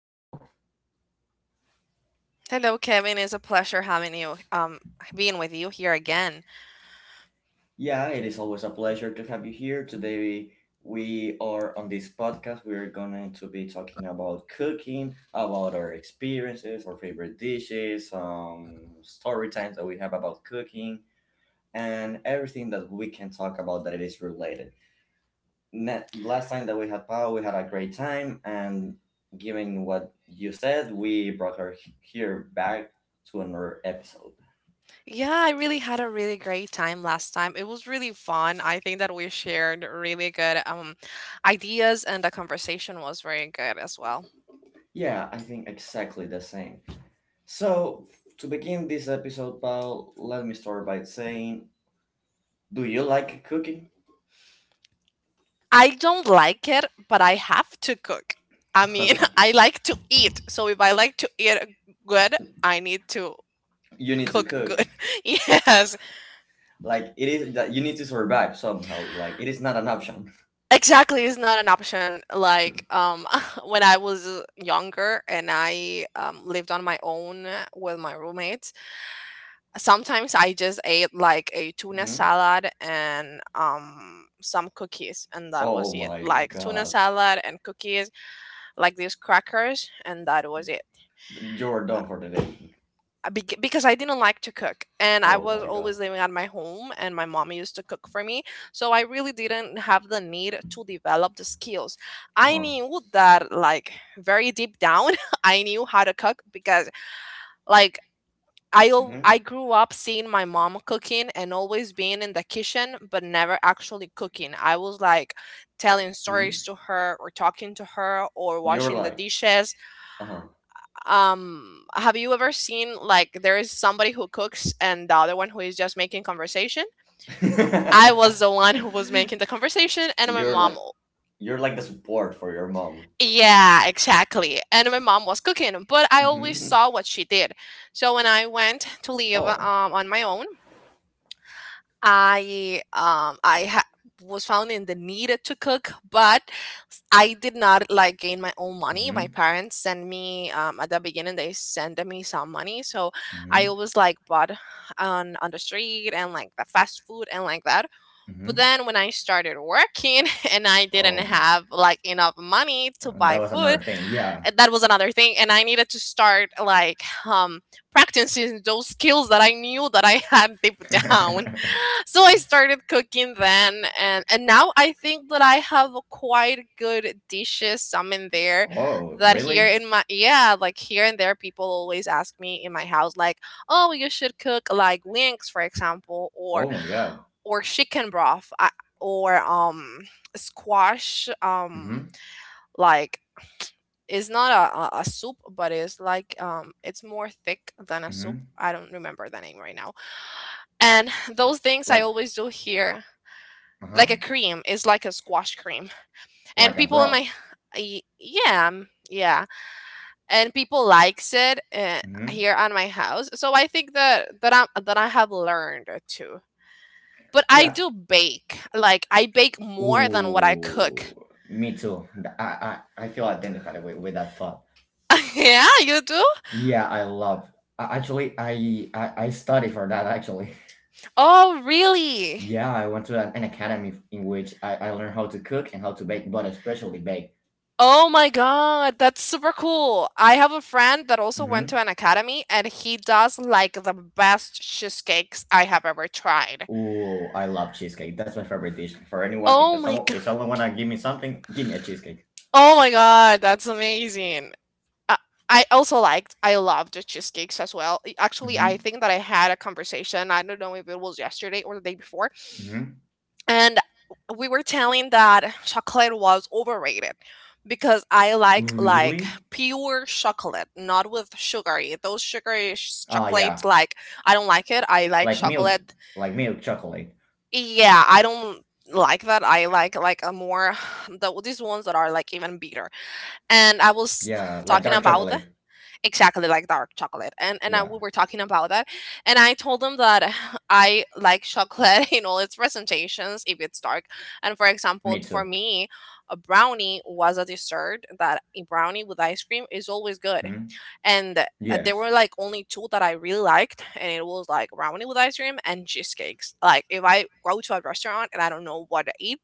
Pao. Hello, Kevin. It's a pleasure having you, being with you here again. Yeah, it is always a pleasure to have you here. Today we are on this podcast. We are going to be talking about cooking, about our experiences, our favorite dishes, story times that we have about cooking, and everything that we can talk about that it is related. Last time that we had Pau, we had a great time, and given what you said, we brought her here back to another episode. Yeah, I really had a really great time last time. It was really fun. I think that we shared really good ideas, and the conversation was very good as well. Yeah, I think exactly the same. So, to begin this episode, Paul, let me start by saying, do you like cooking? I don't like it, but I have to cook. I mean, I like to eat. So if I like to eat good, I need to You need to cook cook. good. Yes. Like it is that you need to survive somehow. Like it is not an option. Exactly, it's not an option. Like, when I was younger and I lived on my own with my roommates, sometimes I just ate like a tuna Mhm. salad and some cookies, and that was Oh it. my Like, tuna god, salad and cookies, like these crackers, and that was it. you're done for the day. Because I didn't like to cook and I Oh was my god. always living at my home and my mom used to cook for me. So I really didn't have the need to develop the skills. Uh I huh. knew that, like, very deep down, I knew how to cook because, like, I Mhm. grew up seeing my mom cooking and always being in the kitchen but never actually cooking. I was like telling Mhm. stories to her or talking to her or You're washing the like, dishes. uh huh. Have you ever seen, like, there is somebody who cooks and the other one who is just making conversation? I was the one who was making the conversation, and my you're mom. like, you're like the support for your mom. Yeah, exactly. And my mom was cooking, but I always saw what she did. So when I went to live on my own, I was found in the need to cook, but I did not like gain my own money. My Mm-hmm. parents sent me at the beginning they sent me some money, so I Mm-hmm. always like bought on the street and like the fast food and like that. But Mm-hmm. then when I started working, and I didn't Oh, have like enough money to and that buy was food, another thing. Yeah. That was another thing, and I needed to start like, practicing those skills that I knew that I had deep down. mm-hmm. So I started cooking then, and now I think that I have a quite good dishes some in there, Oh, that here really? in my, yeah, like here and there, people always ask me in my house, like, oh, you should cook like wings, for example, Oh my God. or chicken broth, I, or squash, Mm-hmm. like it's not a soup but it's like, it's more thick than a soup, Mm-hmm. I don't remember the name right now, and those things I Like, always do here, like uh-huh. a cream, it's like a squash cream, and Like a people in my, broth. Yeah, yeah, and people likes it, Mm-hmm. here on my house. So I think that I have learned too, but I Yeah. do bake, like I bake more than what I cook. Ooh, me too. I feel identified with that thought. Yeah, you do. Yeah, I love. Actually, I study for that. Actually, Oh, really? yeah, I went to an academy in which I learned how to cook and how to bake, but especially bake. Oh my god, that's super cool. I have a friend that also went Mm-hmm. to an academy and he does like the best cheesecakes I have ever tried. Ooh, I love cheesecake. That's my favorite dish. For anyone, if Oh my. someone if someone wanna give me something, give me a cheesecake. Oh my god, that's amazing. Uh, I also liked, I loved the cheesecakes as well. I- Actually, I Mm-hmm. think that I had a conversation, I don't know if it was yesterday or the day before, Mm-hmm. and we were telling that chocolate was overrated because I like, Really? pure chocolate, not with sugary. Those sugary Ah, chocolates, yeah. like, I don't like it. I like Like milk, chocolate. like milk chocolate. Yeah, I don't like that. I like a more the, these ones that are like even bitter. And I was Yeah, like talking dark about chocolate. exactly like dark chocolate, and I, Yeah, we were talking about that, and I told them that I like chocolate in all its presentations if it's dark, and for me example, for too. me, a brownie was a dessert that a brownie with ice cream is always good, Hmm. and there Yes. were like only two that I really liked, and it was like brownie with ice cream and cheesecakes. Like if I go to a restaurant and I don't know what to eat,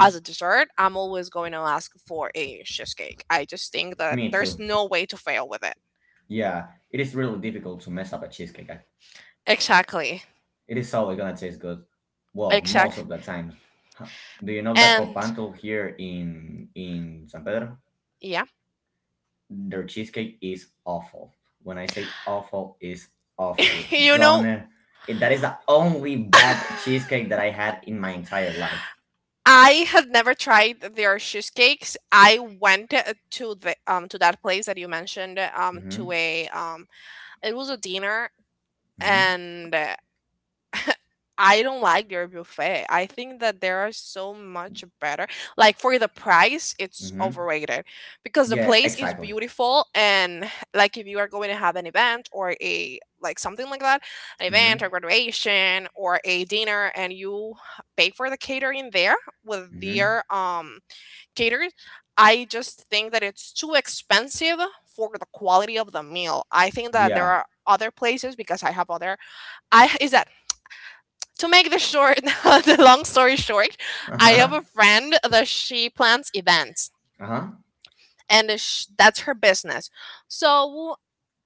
as a dessert, I'm always going to ask for a cheesecake. I just think that Me there's too. no way to fail with it. Yeah, it is really difficult to mess up a cheesecake. Exactly. It is always gonna taste good. Well, most Exact. of the times. Huh. Do you know that And Copanto here in San Pedro? yeah, Their cheesecake is awful. When I say awful, is awful. you Don't. know, It- That is the only bad cheesecake that I had in my entire life. I had never tried their cheesecakes. I went to the to that place that you mentioned, to Hmm. a, it was a dinner, Hmm. and I don't like their buffet. I think that there are so much better. Like for the price, it's Hmm. overrated because the Yeah, place is exactly. beautiful, and like if you are going to have an event or a, like something like that, an event or Hmm. graduation or a dinner, and you pay for the catering there with Hmm. their caterers, I just think that it's too expensive for the quality of the meal. I think that there Yeah. are other places because I have other, I is that, to make the short the long story short, I have Uh-huh. a friend that she plans events, Uh-huh. and that's her business. So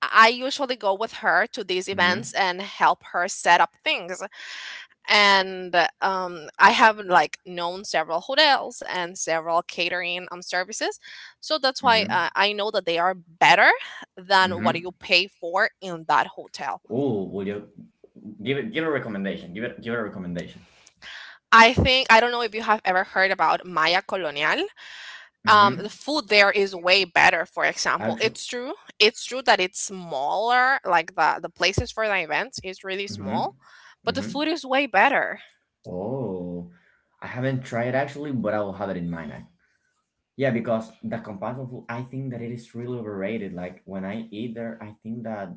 I usually go with her to these Hmm. events and help her set up things, and I have like known several hotels and several catering services. So that's why, Hmm. I know that they are better than what Hmm. you pay for in that hotel. Oh, will you give a recommendation? Give it a recommendation. I think, I don't know if you have ever heard about Maya Colonial. Hmm. The food there is way better, for example. Actually. It's true, it's true that it's smaller, like the places for the events is really Hmm. small, but the Hmm. food is way better. Oh, I haven't tried it actually, but I will have it in mind. Yeah, because the compassion food, I think that it is really overrated. Like when I eat there, I think that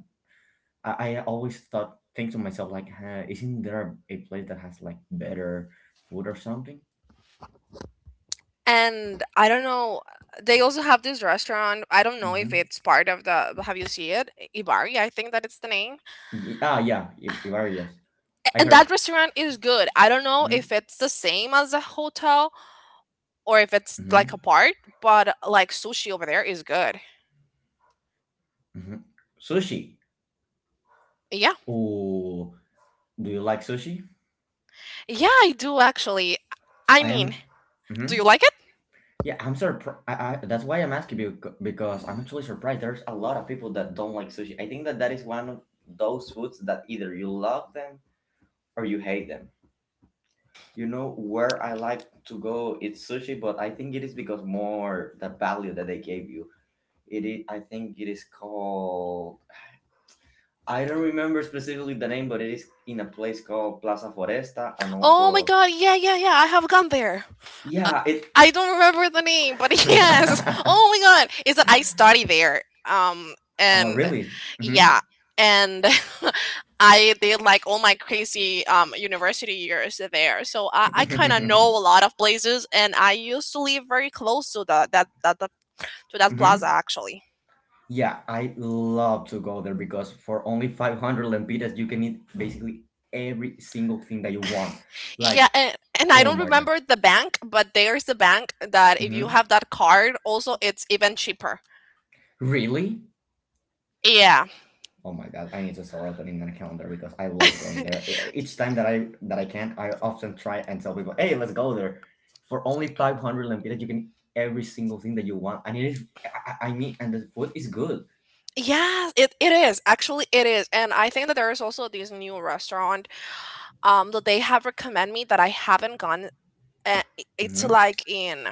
I always thought think to myself like huh, isn't there a place that has like better food or something. And I don't know, they also have this restaurant, I don't know if Mm-hmm. it's part of the, have you seen it, Ibari, I think that it's the name. Yeah, Ibarra, yes. A- I and that heard. restaurant is good. I don't know Hmm. if it's the same as a hotel or if it's like a Hmm. part, but like sushi over there is good. Hmm. Sushi. Yeah. Ooh, do you like sushi? Yeah, I do, actually. I I am. mean, Hmm. do you like? Yeah, I'm surprised. That's why I'm asking you because I'm actually surprised there's a lot of people that don't like sushi. I think that that is one of those foods that either you love them or you hate them. You know where I like to go it's sushi, but I think it is because more the value that they gave you. It is, I think it is called, I don't remember specifically the name, but it is in a place called Plaza Foresta and Oh my also god, yeah, yeah, yeah, I have gone there. I, yeah, it I don't remember the name, but yes. Oh my god, is that I study there. Oh, And really? Mm-hmm. yeah, and I did like all my crazy university years there. So I kind of know a lot of places, and I used to live very close to the that that, that to that plaza Hmm. actually. Yeah, I love to go there because for only 500 lempiras, you can eat basically every single thing that you want. Like, Yeah, and I oh don't my God. remember the bank, but there's the bank that if you Hmm. have that card, also it's even cheaper. Really? Yeah. Oh my god, I need to start opening my calendar because I love going there. Each time that I can, I often try and tell people, "Hey, let's go there." For only 500 lempiras, you can eat every single thing that you want, and it is. I mean, and the food is good. Yeah, it is. Actually, it is. And I think that there is also this new restaurant that they have recommend me that I haven't gone. It's Hmm. like in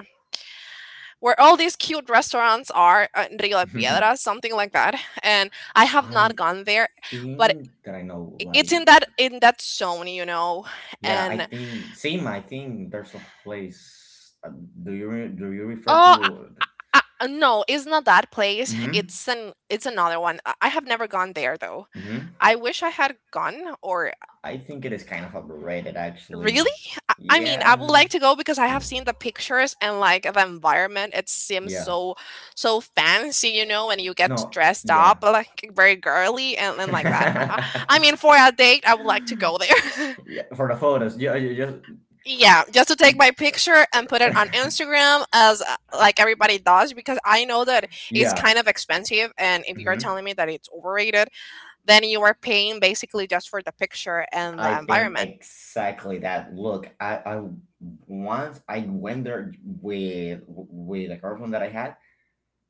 where all these cute restaurants are, in Rio de Piedras, something like that. And I have not I gone there, but think that I know. It's in Like, that, in that zone, you know. yeah, I And think same. I think there's a place. Do you refer oh, to? I, no, it's not that place. Hmm. It's an, it's another one. I have never gone there though. Hmm. I wish I had gone, or I think it is kind of overrated, really? actually. I mean, I would Yeah. like to go because I have seen the pictures and like the environment. It seems Yeah. so so fancy, you know, and you get to No. dressed up Yeah. like very girly, and like that. I yeah, mean, for a date, I would like to go there. for the photos. Yeah, you just Yeah, just to take my picture and put it on Instagram as, like everybody does, because I know that it's yeah. kind of expensive, and if you're Hmm. telling me that it's overrated, then you are paying basically just for the picture and I the think environment. exactly that. Look, I once I went there with a girlfriend that I had,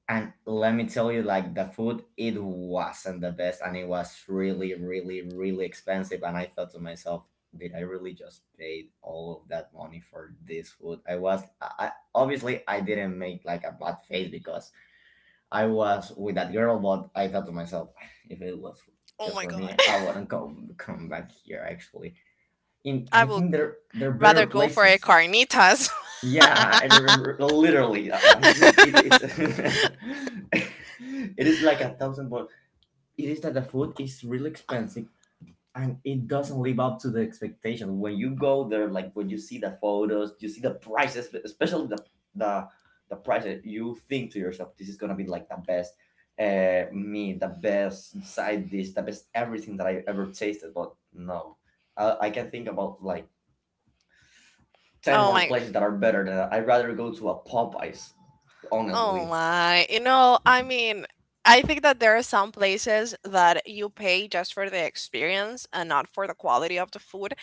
and let me tell you, like the food, it wasn't the best, and it was really, really, really expensive. And I thought to myself, did I really just paid all of that money for this food? I was, I- Obviously, I didn't make like a bad face because I was with that girl, but I thought to myself, if it was Oh just my for god. me, I wouldn't go come back here. Actually, in I I will think there there are rather better go for a places. carnitas. Yeah, I remember, literally. I think it's it is like a thousand, but it is that the food is really expensive and it doesn't live up to the expectation. When you go there, like when you see the photos, you see the prices, especially the the prices. You think to yourself, this is gonna be like the best meat, the best side dish, the best everything that I ever tasted. But no, I can think about like ten Oh more my, places that are better than that. I'd rather go to a Popeyes, oh honestly. my. You know, I mean, I think that there are some places that you pay just for the experience and not for the quality of the food.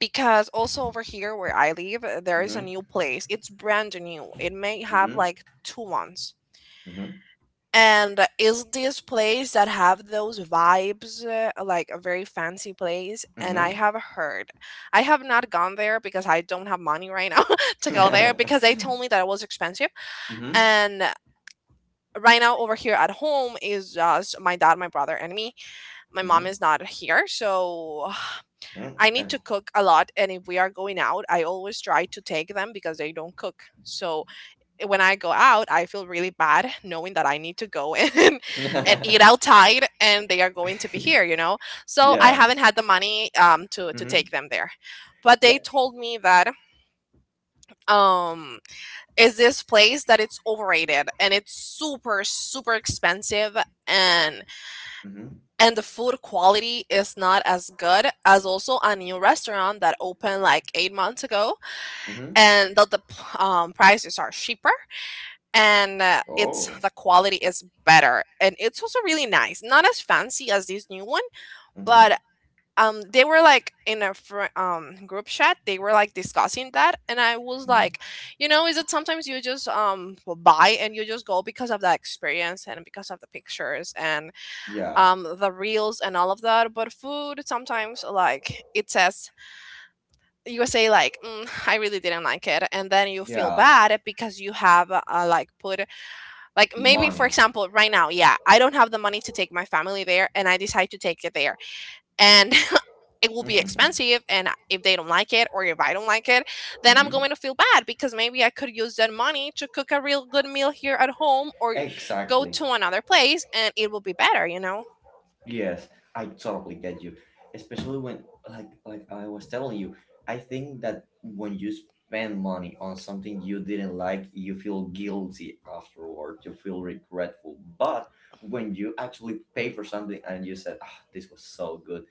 Because also over here where I live, there is a Mm-hmm. new place. It's brand new. It may have Mm-hmm. like 2 months. Mm-hmm. And is this place that have those vibes, like a very fancy place? And I Mm-hmm. have heard, I have not gone there because I don't have money right now to go there because they told me that it was expensive. mm-hmm. And right now over here at home is just my dad, my brother, and me. My mom Mm-hmm. is not here, so I need to cook a lot. And if we are going out, I always try to take them because they don't cook. So when I go out, I feel really bad knowing that I need to go and eat Mm-hmm. outside, and they are going to be here, you know. So I haven't Yes. had the money to Mm-hmm. take them there, but they Yeah. told me that um is this place that it's overrated and it's super expensive and Mm-hmm. The food quality is not as good as also a new restaurant that opened like 8 months ago Mm-hmm. and that the prices are cheaper and it's Oh. the quality is better and it's also really nice, not as fancy as this new one. Mm-hmm. But they were like in a group chat, they were like discussing that, and I was Mm-hmm. like, you know, is that sometimes you just will buy and you just go because of the experience and because of the pictures and Yeah. The reels and all of that. But food sometimes, like it says, you say like, I really didn't like it, and then you feel Yeah. bad because you have like put, like maybe, for Money. example, right now, yeah, I don't have the money to take my family there and I decide to take it there. And it will be mm-hmm. expensive, and if they don't like it or if I don't like it, then I'm going to feel bad because maybe I could use that money to cook a real good meal here at home or go Exactly. to another place and it will be better, you know? Yes, I totally get you. Especially when, like I was telling you, I think that when you spend money on something you didn't like, you feel guilty afterward. You feel regretful. But when you actually pay for something and you said, "Ah, this was so good."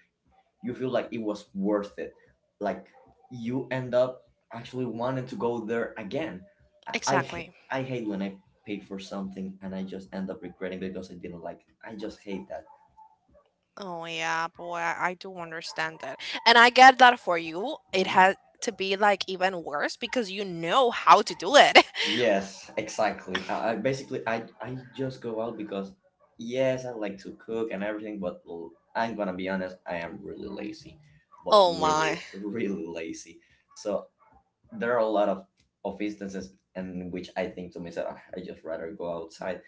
you feel like it was worth it. Like you end up actually wanting to go there again. Exactly. I hate when I pay for something and I just end up regretting because I didn't like it. I just hate that. Oh yeah, boy, I do understand that. And I get that for you. It Hmm? has to be like even worse because you know how to do it. Yes, exactly. I basically I just go out because yes, I like to cook and everything, but I'm gonna be honest, I am really lazy, but Oh my. really really lazy. So there are a lot of instances in which I think to myself, "Ah, I just rather go outside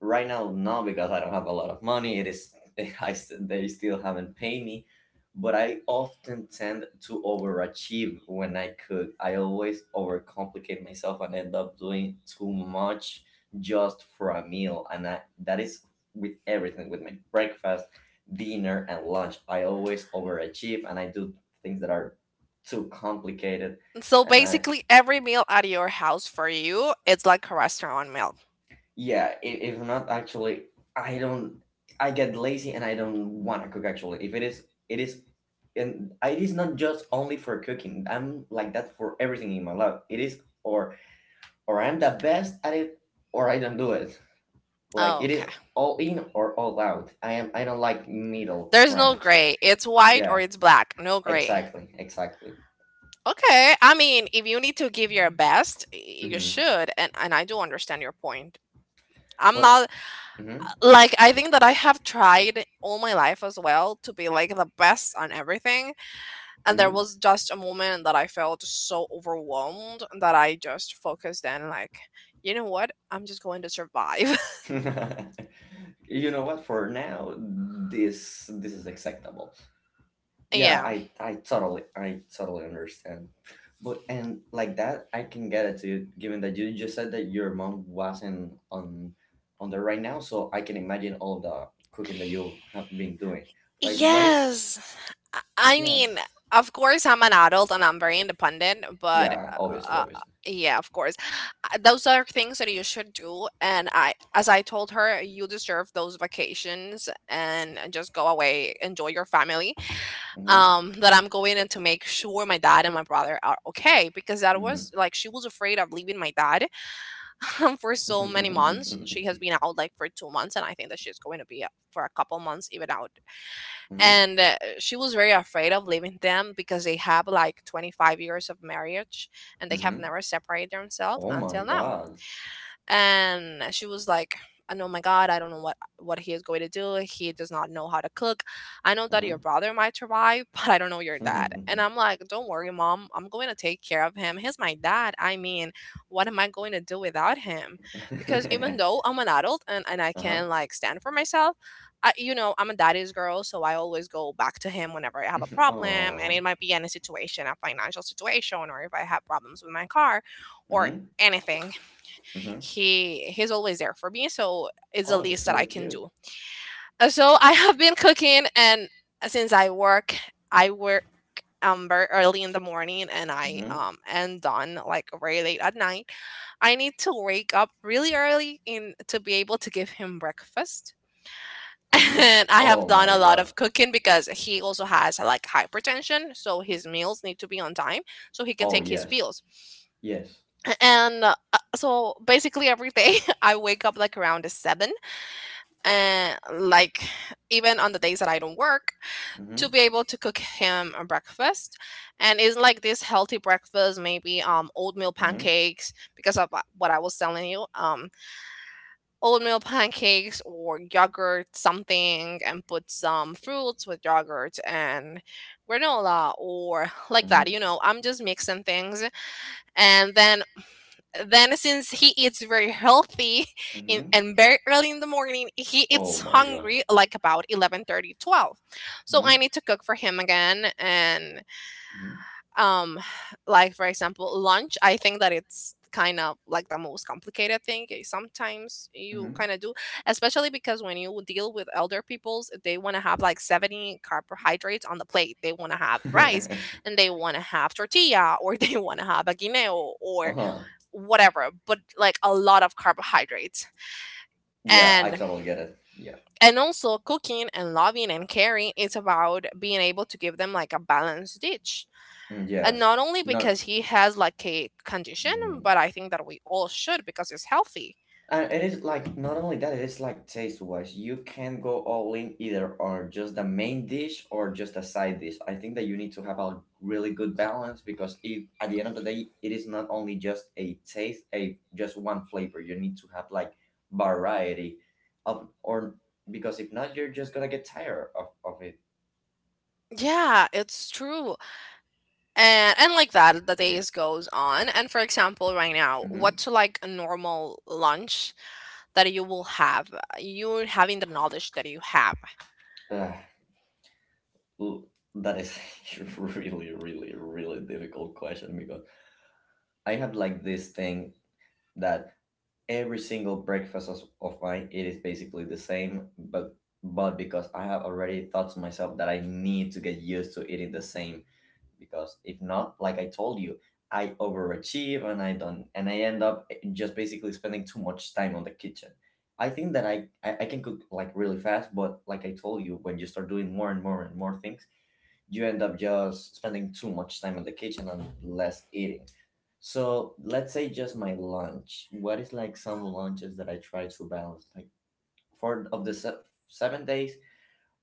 right now. No, because I don't have a lot of money. It is they still haven't paid me, but I often tend to overachieve when I cook. I always overcomplicate myself and end up doing too much just for a meal and that is with everything, with my breakfast, dinner and lunch. I always overachieve and I do things that are too complicated. So And I basically, every meal at your house for you, it's like a restaurant meal. yeah, if not actually, I don't I get lazy and I don't want to cook. Actually, if it is and it is not just only for cooking. I'm like that for everything in my life. It is or I'm the best at it or I don't do it. Like Oh, it okay. is all in or all out. I don't like middle There's no ground. gray. It's white or Yeah, it's black. No gray. exactly, exactly. Okay. I mean, if you need to give your best, you Hmm. should. And, I do understand your point. I'm But not hmm. like, I think that I have tried all my life as well to be like the best on everything. And there Hmm. was just a moment that I felt so overwhelmed that I just focused in, like, you know what? I'm just going to survive. you know what, for now this is acceptable. Yeah, Yeah. I totally understand. But and like that I can get it too, given that you just said that your mom wasn't on the right now, so I can imagine all the cooking that you have been doing. Like what is Yes. I mean, yes. of course, I'm an adult and I'm very independent, but Yeah, obviously, uh, obviously. yeah, of course. Those are things that you should do. And I, as I told her, you deserve those vacations and just go away, enjoy your family, Mm-hmm. That I'm going in to make sure my dad and my brother are okay, because that Mm-hmm. was like she was afraid of leaving my dad for so many months. She has Mm-hmm. been out like for 2 months, and I think that she's going to be out for a couple months even out. And she was very afraid of leaving them because they have like 25 years of marriage and they have Mm-hmm. never separated themselves Oh my until now. god. And she was like, "And oh my god, I don't know what he is going to do. He does not know how to cook. I know that your Mm-hmm. brother might survive, but I don't know your dad." And I'm like, "Don't worry, mom, I'm going to take care of him. He's my dad. I mean, what am I going to do without him?" Because even though I'm an adult, and I uh-huh. can like stand for myself. I, you know, I'm a daddy's girl, so I always go back to him whenever I have a problem, and it Oh. might be any situation, a financial situation, or if I have problems with my car or Mm-hmm. anything. Mm-hmm. He's always there for me, so it's the Oh, that's least that really I can cute. do. So I have been cooking. And since I work very early in the morning, and I Mm-hmm. Am done like very late at night, I need to wake up really early in to be able to give him breakfast. Mm-hmm. And I have Oh done a my lot god. of cooking because he also has like hypertension, so his meals need to be on time so he can Oh take his yes. pills. Yes. And so basically every day I wake up like around the 7, and like even on the days that I don't work, to Mm-hmm. be able to cook him a breakfast. And it's like this healthy breakfast, maybe oatmeal Mm-hmm. pancakes, because of what I was telling you, oatmeal pancakes or yogurt, something, and put some fruits with yogurt and granola or like that. Mm-hmm. You know, I'm just mixing things. And then, since he eats very healthy in, Mm-hmm. and very early in the morning, he Oh eats my god. hungry like about 11:30, 12. So I Mm-hmm. need to cook for him again. And um like for example, lunch, I think that it's kind of like the most complicated thing, eh, sometimes you kind Mm-hmm. of do. Especially because when you deal with elder peoples, they want to have like 70 carbohydrates on the plate, they want to have rice Mm-hmm. and they want to have tortilla, or they want to have a guineo, or uh-huh. whatever, but like a lot of carbohydrates. Yeah, I And totally get it. Yeah. Also cooking and loving and caring is about being able to give them like a balanced dish. Mm, And yes. not only Not. because he has like a condition, Mm. but I think that we all should because it's healthy. And it is like not only that, it is like taste wise. You can go all in either or just the main dish or just a side dish. I think that you need to have a really good balance because it at the end of the day it is not only just a taste, a just one flavor. You need to have like variety of or because if not you're just gonna get tired of it. Yeah, it's true. And like that the days goes on. And for example, right now, Hmm. what's like a normal lunch that you will have? You having the knowledge that you have. Ooh, that is a really, really, really difficult question because I have like this thing that every single breakfast of mine it is basically the same, but because I have already thought to myself that I need to get used to eating the same because if not, like I told you, I overachieve and I don't and I end up just basically spending too much time on the kitchen. I think that I can cook like really fast, but like I told you, when you start doing more and more and more things, you end up just spending too much time in the kitchen and less eating. So let's say just my lunch. What is like some lunches that I try to balance? Like four of the 7 days,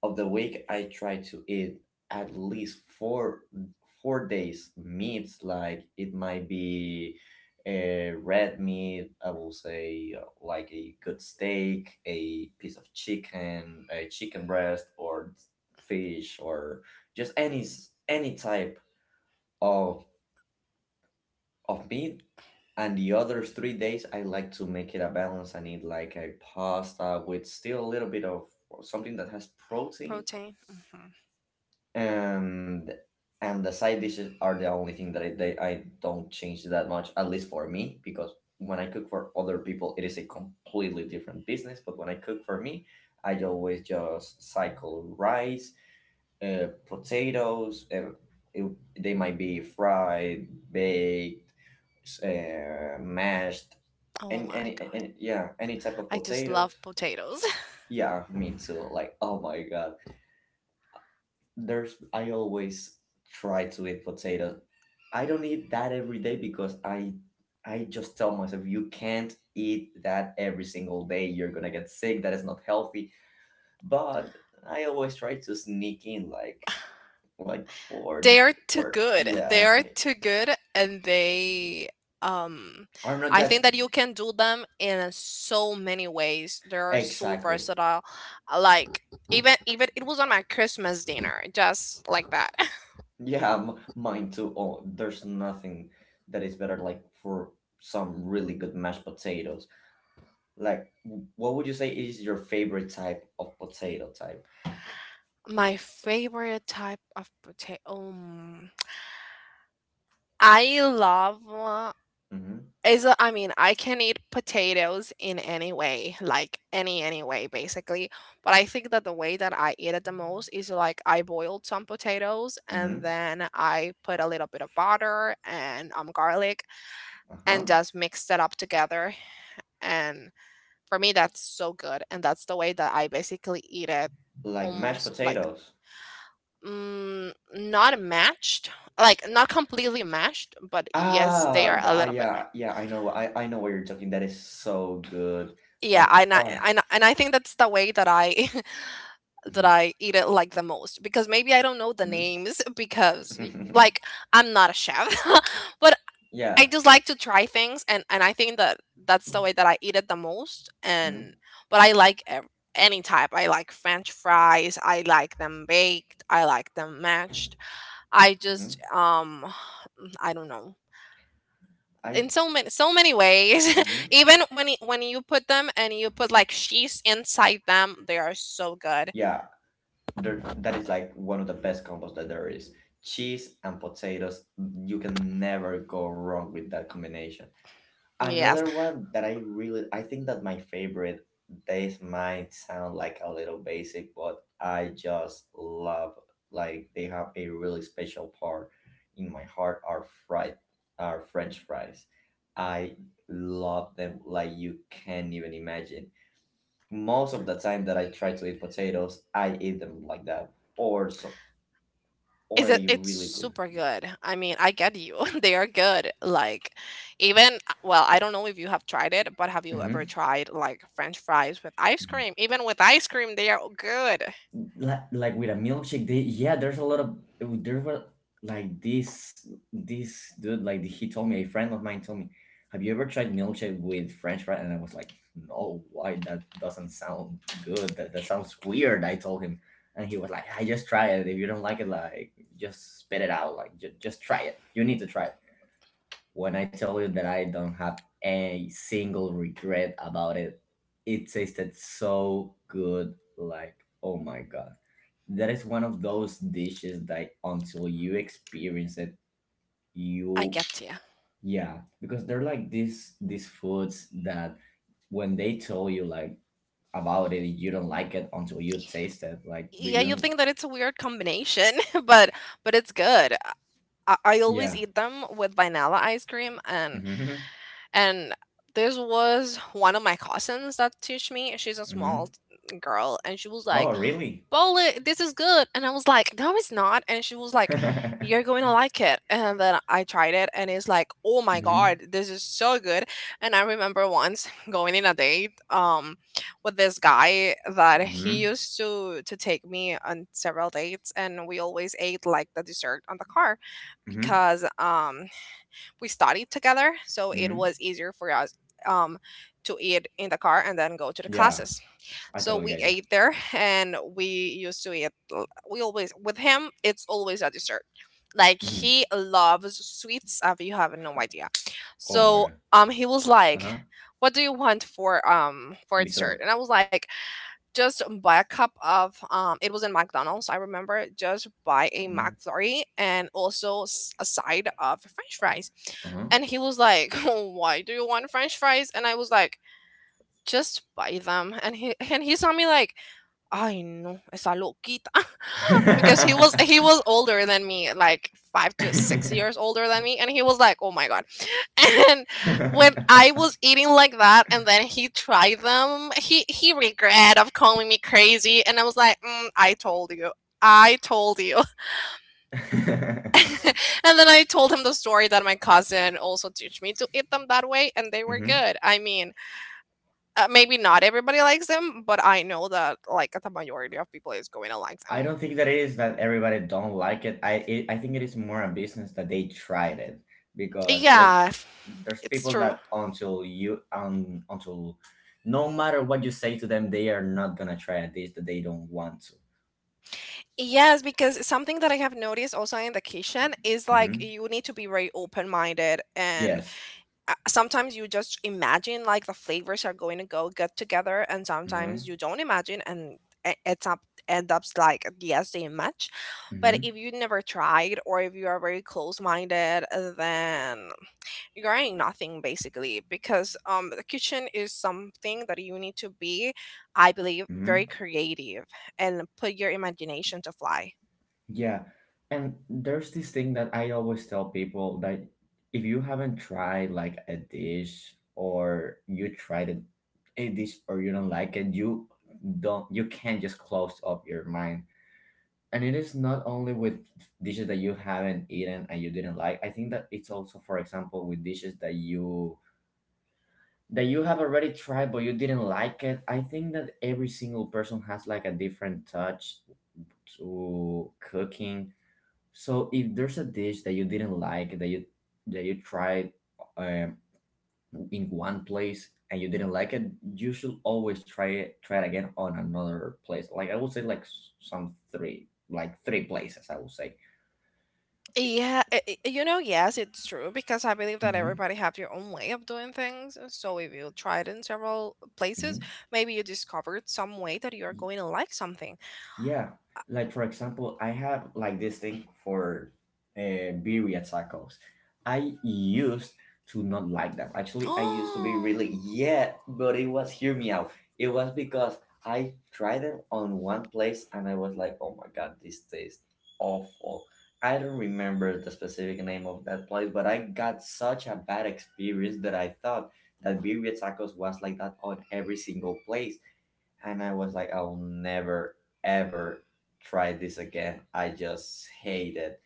of the week I try to eat at least four days meats, like it might be a red meat, I will say like a good steak, a piece of chicken, a chicken breast, or fish, or just any type of of meat. And the other 3 days I like to make it a balance and eat like a pasta with still a little bit of something that has protein. Protein. Hmm. And and the side dishes are the only thing that I don't change that much, at least for me, because when I cook for other people it is a completely different business, but when I cook for me I always just cycle rice, potatoes, it- they might be fried, baked, mashed, Oh and my god. Yeah, any type of I just potatoes. love potatoes. Yeah, me too, like, oh my god, there's I always try to eat potato. I don't eat that every day because I just tell myself you can't eat that every single day. You're gonna get sick. That is not healthy. But I always try to sneak in, like for They are too for good. They yeah. are too good, and they um I'm not I that. think that you can do them in so many ways. They are so Exactly. versatile. Like even it was on my Christmas dinner, just like that. Yeah, mine too. Oh, there's nothing that is better, like, for some really good mashed potatoes. Like, what would you say is your favorite type of potato type? My favorite type of potato. I love Mm-hmm. is a, I mean, I can eat potatoes in any way, like any way basically, but I think that the way that I eat it the most is like I boiled some potatoes and Mm-hmm. then I put a little bit of butter and garlic, and Uh-huh. just mixed it up together. And for me, that's so good, and that's the way that I basically eat it, Like, mashed almost like, potatoes. mm, not matched, like not completely mashed, but yes, they Ah, are a little bit mashed. yeah, yeah. I know. I know what you're talking. That is so good. Yeah, Like, and ah. I think that's the way that I that Hmm. I eat it like the most, because maybe I don't know the names because like I'm not a chef. But I Yeah. just like to try things, and I think that that's the way that I eat it the most. And Hmm. but I like any type. I like french fries, I like them baked, I like them mashed, I Hmm. just I don't know, I. in so many ways. Hmm. Even when when you put them and you put like cheese inside them, they are so good. Yeah, there, that is like one of the best combos that there is. Cheese and potatoes, you can never go wrong with that combination. Yeah, Another one that I think that my favorite, this might sound like a little basic, but I just love, like, they have a really special part in my heart, are French fries. I love them, like, you can't even imagine. Most of the time that I try to eat potatoes, I eat them like that. Or so, or is it, a it's really good. super good. I mean, I get you. They are good, like even well, I don't know if you have tried it, but have you ever Mhm. tried like french fries with ice cream? Even with ice cream, they are good. Like, with a milkshake, they, yeah, there's a lot of there were, like, this dude, like, he told me a friend of mine told me, have you ever tried milkshake with french fries? And I was like, no, why, that doesn't sound good, that sounds weird, I told him. And he was like, I just try it, if you don't like it, like, just spit it out, like, just try it, you need to try it. When I tell you that I don't have a single regret about it, it tasted so good. Like, oh my god. That is one of those dishes that until you experience it, I you. get you. Yeah. Because they're like these foods that when they tell you, like, about it, you don't like it until you taste it. Like, do Yeah, you you? think that it's a weird combination but but it's good. I always Yeah. eat them with vanilla ice cream. And Hmm. And this was one of my cousins that teach me. She's a small Hmm. Girl, and she was like, Oh, really? "Bowling, this is good." And I was like, "No, it's not." And she was like, "You're going Hmm. to like it." And then I tried it, and it's like, "Oh my god, this is so good." And I remember once, going in a date, with this guy that he Hmm. used to take me on several dates, and we always ate like the dessert on the car, Hmm. because we studied together, so it Hmm. was easier for us um to eat in the car and then go to the Yeah, classes. I So totally we get you. ate there, and we used to eat, we always with him it's always a dessert. Like Hmm. he loves sweets, if you have no idea. Oh my So god. He was like, Uh-huh. what do you want for dessert? Dessert. And I was like, just buy a cup of it was in McDonald's, I remember, just buy a Hmm. McFlurry and also a side of french fries. Uh-huh. And he was like, why do you want french fries? And I was like, just buy them. And he saw me like, I know, esa loquita. Because he was older than me, like 5 to 6 years older than me, and he was like, "Oh my god!" And when I was eating like that, and then he tried them, he regret of calling me crazy, and I was like, mm, "I told you." I told you. And then I told him the story that my cousin also teach me to eat them that way, and they were Mhm. good. I mean, maybe not everybody likes them, but I know that like the majority of people is going to like I them. don't think that it is that everybody don't like it. I think it is more a business that they tried it, because there's Yeah, there's it's people true. that until, no matter what you say to them, they are not gonna try a dish that they don't want to. Yes, because something that I have noticed also in the kitchen is like Hmm. you need to be very open-minded and Yes. Sometimes you just imagine like the flavors are going to go good together and Hmm. sometimes you don't imagine and e- it's up end up like yes they match. But Hmm. if you never tried or if you are very close-minded, then you're earning nothing basically because the kitchen is something that you need to be, I believe, very Hmm. creative and put your imagination to fly. Yeah. And there's this thing that I always tell people, that if you haven't tried like a dish, or you tried a dish or you don't like it, you can't just close up your mind. And it is not only with dishes that you haven't eaten and you didn't like. I think that it's also, for example, with dishes that you have already tried but you didn't like it. I think that every single person has like a different touch to cooking, so if there's a dish that you didn't like, that you tried, um, in one place, and you didn't like it, you should always try it again on another place. Like, I would say, like, s- some three, like, three places, I would say. Yeah, yes, it's true because I believe that Mm-hmm. everybody have their own way of doing things. So if you try it in several places, Mm-hmm. maybe you discovered some way that you are going to like something. Yeah, like, for example, I have like this thing for birria tacos. I used to not like them. Actually, I used to be Oh, really, yeah, but it was, hear me out. It was because I tried them on one place and I was like, oh my god, this tastes awful. I don't remember the specific name of that place, but I got such a bad experience that I thought that birria tacos was like that on every single place, and I was like, I'll never ever try this again. I just hate it.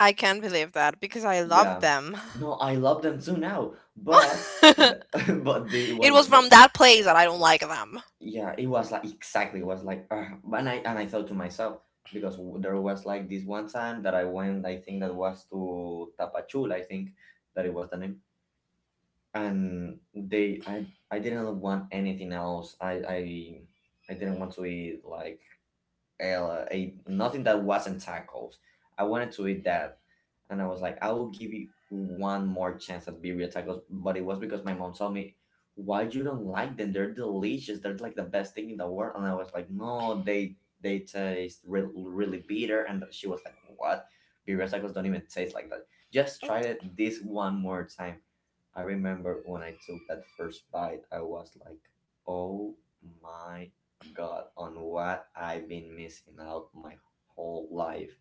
I can't believe that because I love Yeah, them. no, I love them too now, but but this It was was from the that place that I don't like them. yeah, it was like, exactly, it was like, and I thought to myself, because there was like this one time that I went, I think that was to Tapachula, I think that it was the name, and they I didn't want anything else. I didn't want to eat like, a nothing that wasn't tacos. I wanted to eat that, and I was like, I will give you one more chance at birria tacos. But it was because my mom told me, why you don't like them? They're delicious. They're like the best thing in the world. And I was like, no, they taste really bitter. And she was like, what? Birria tacos don't even taste like that. Just try it this one more time. I remember when I took that first bite, I was like, oh my god, on what I've been missing out my whole life.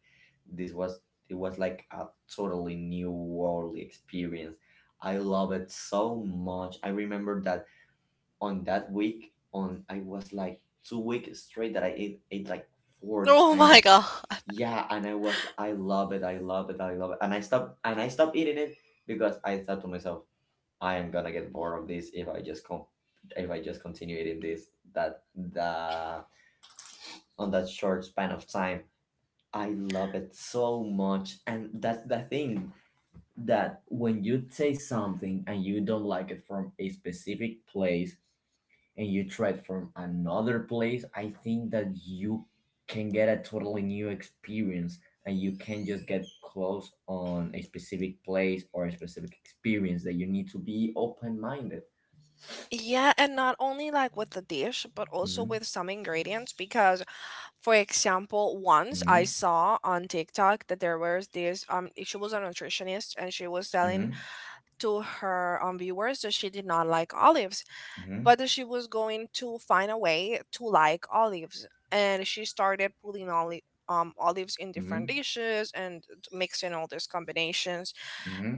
This was It was like a totally new worldly experience. I love it so much. I remember that on that week, on I was like 2 weeks straight that I ate like four Oh my times. god. Yeah, and I love it, I love it, I love it. And I stopped eating it, because I thought to myself, I am gonna get bored of this if I just continue eating this, that the on that short span of time. I love it so much. And that's the thing, that when you taste something and you don't like it from a specific place and you try it from another place, I think that you can get a totally new experience, and you can just get close on a specific place or a specific experience, that you need to be open minded. Yeah, and not only like with the dish, but also Mm-hmm. with some ingredients. Because, for example, once I Mm-hmm. saw on TikTok that there was this she was a nutritionist and she was telling to her viewers that she did not like olives, Mm-hmm. but that she was going to find a way to like olives, and she started putting olives in different Mm-hmm. dishes and mixing all these combinations,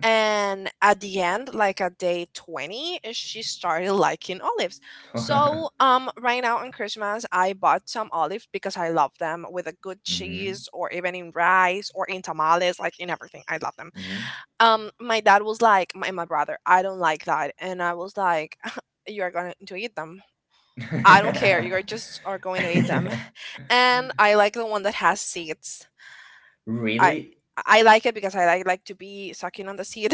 and at the end, like at day 20 she started liking olives. Mm-hmm. So right now on Christmas I bought some olives because I love them with a good cheese or even in rice or in tamales, like in everything I love them. My dad was like, my brother, I don't like that. And I was like, you're going to eat them, I don't care, you're just are going to eat them. And I like the one that has seeds. I Really? I like it because I like to be sucking on the seed,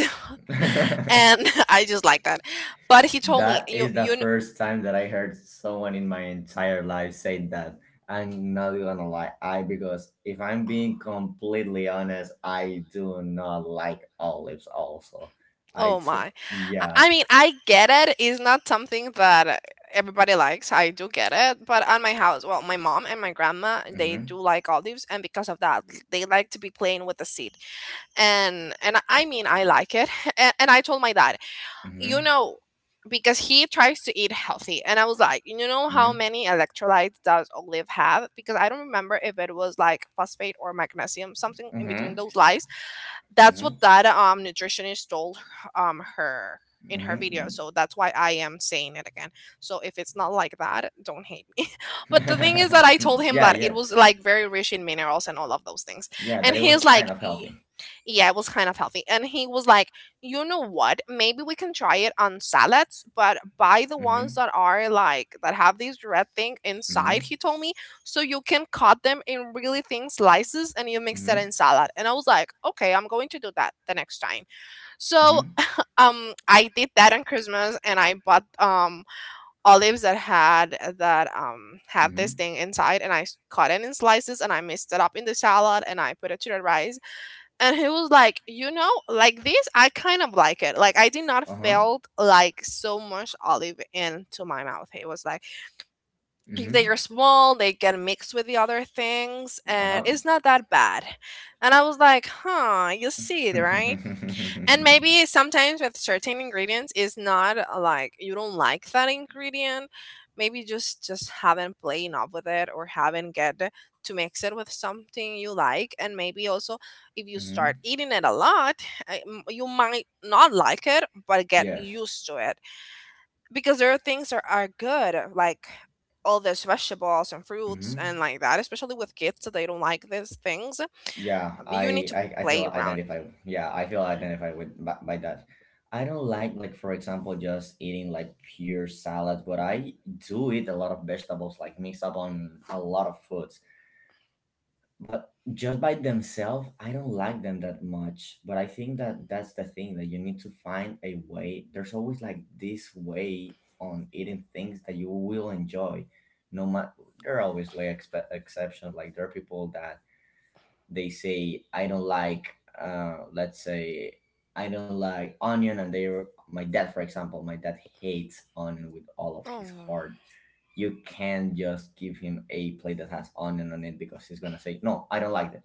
and I just like that. But he told me, That is the first time that I heard someone in my entire life say that. I'm not gonna lie, I because if I'm being completely honest, I do not like olives. Also, I oh t- my, yeah. I mean I get it. It's not something that everybody likes. I do get it. But at my house, well, my mom and my grandma they Mhm. do like olives, and because of that, they like to be playing with the seed. And I mean I like it. And, I told my dad, you Mhm. know, because he tries to eat healthy. And I was like, you know how many electrolytes does Olive have? Because I don't remember if it was like phosphate or magnesium, something in between Mhm. those lies. Mhm. That's what Mhm. that nutritionist told her in her video. So that's why I am saying it again. So if it's not like that, don't hate me. But the thing is that I told Mhm. him Yeah. that it Yeah. was like very rich in minerals and all of those things. Yeah. And That it he is was kind like, of healthy. yeah, it was kind of healthy. And he was like, you know what? Maybe we can try it on salads, but buy the ones Mhm. that are like that have this red thing inside, Mhm. he told me. So you can cut them in really thin slices and you mix that Mhm. in salad. And I was like, okay, I'm going to do that the next time. So Mhm. I did that on Christmas and I bought olives that had that had this Mhm. thing inside and I cut it in slices and I mixed it up in the salad and I put it to the rice. And he was like, you know, like this I kind of like it, like I did not Uh huh. felt like so much olive into my mouth. He was like, if they Mhm. are small they get mixed with the other things and Uh-huh. it's not that bad. And I was like, huh, you see it right? And maybe sometimes with certain ingredients is not like you don't like that ingredient. Maybe just haven't played enough with it or haven't get to mix it with something you like. And maybe also if you start Mhm. eating it a lot, you might not like it, but get Yes. used to it because there are things that are good like all these vegetables and fruits Mhm. and like that. Especially with kids, that they don't like these things. Yeah, You need I, to I I feel play around. identified. Yeah, I feel identified by that. I don't like, for example, just eating like pure salad, but I do eat a lot of vegetables, like, mixed up on a lot of foods. But just by themselves I don't like them that much, but I think that that's the thing, that you need to find a way. There's always like this way on eating things that you will enjoy, no matter. There are always like exceptions. Like, there are people that they say, I don't like, let's say, I don't like onion, and they're my dad, for example. My dad hates onion with all of Oh. his heart. You can't just give him a plate that has onion on it, because he's gonna say, no, I don't like that.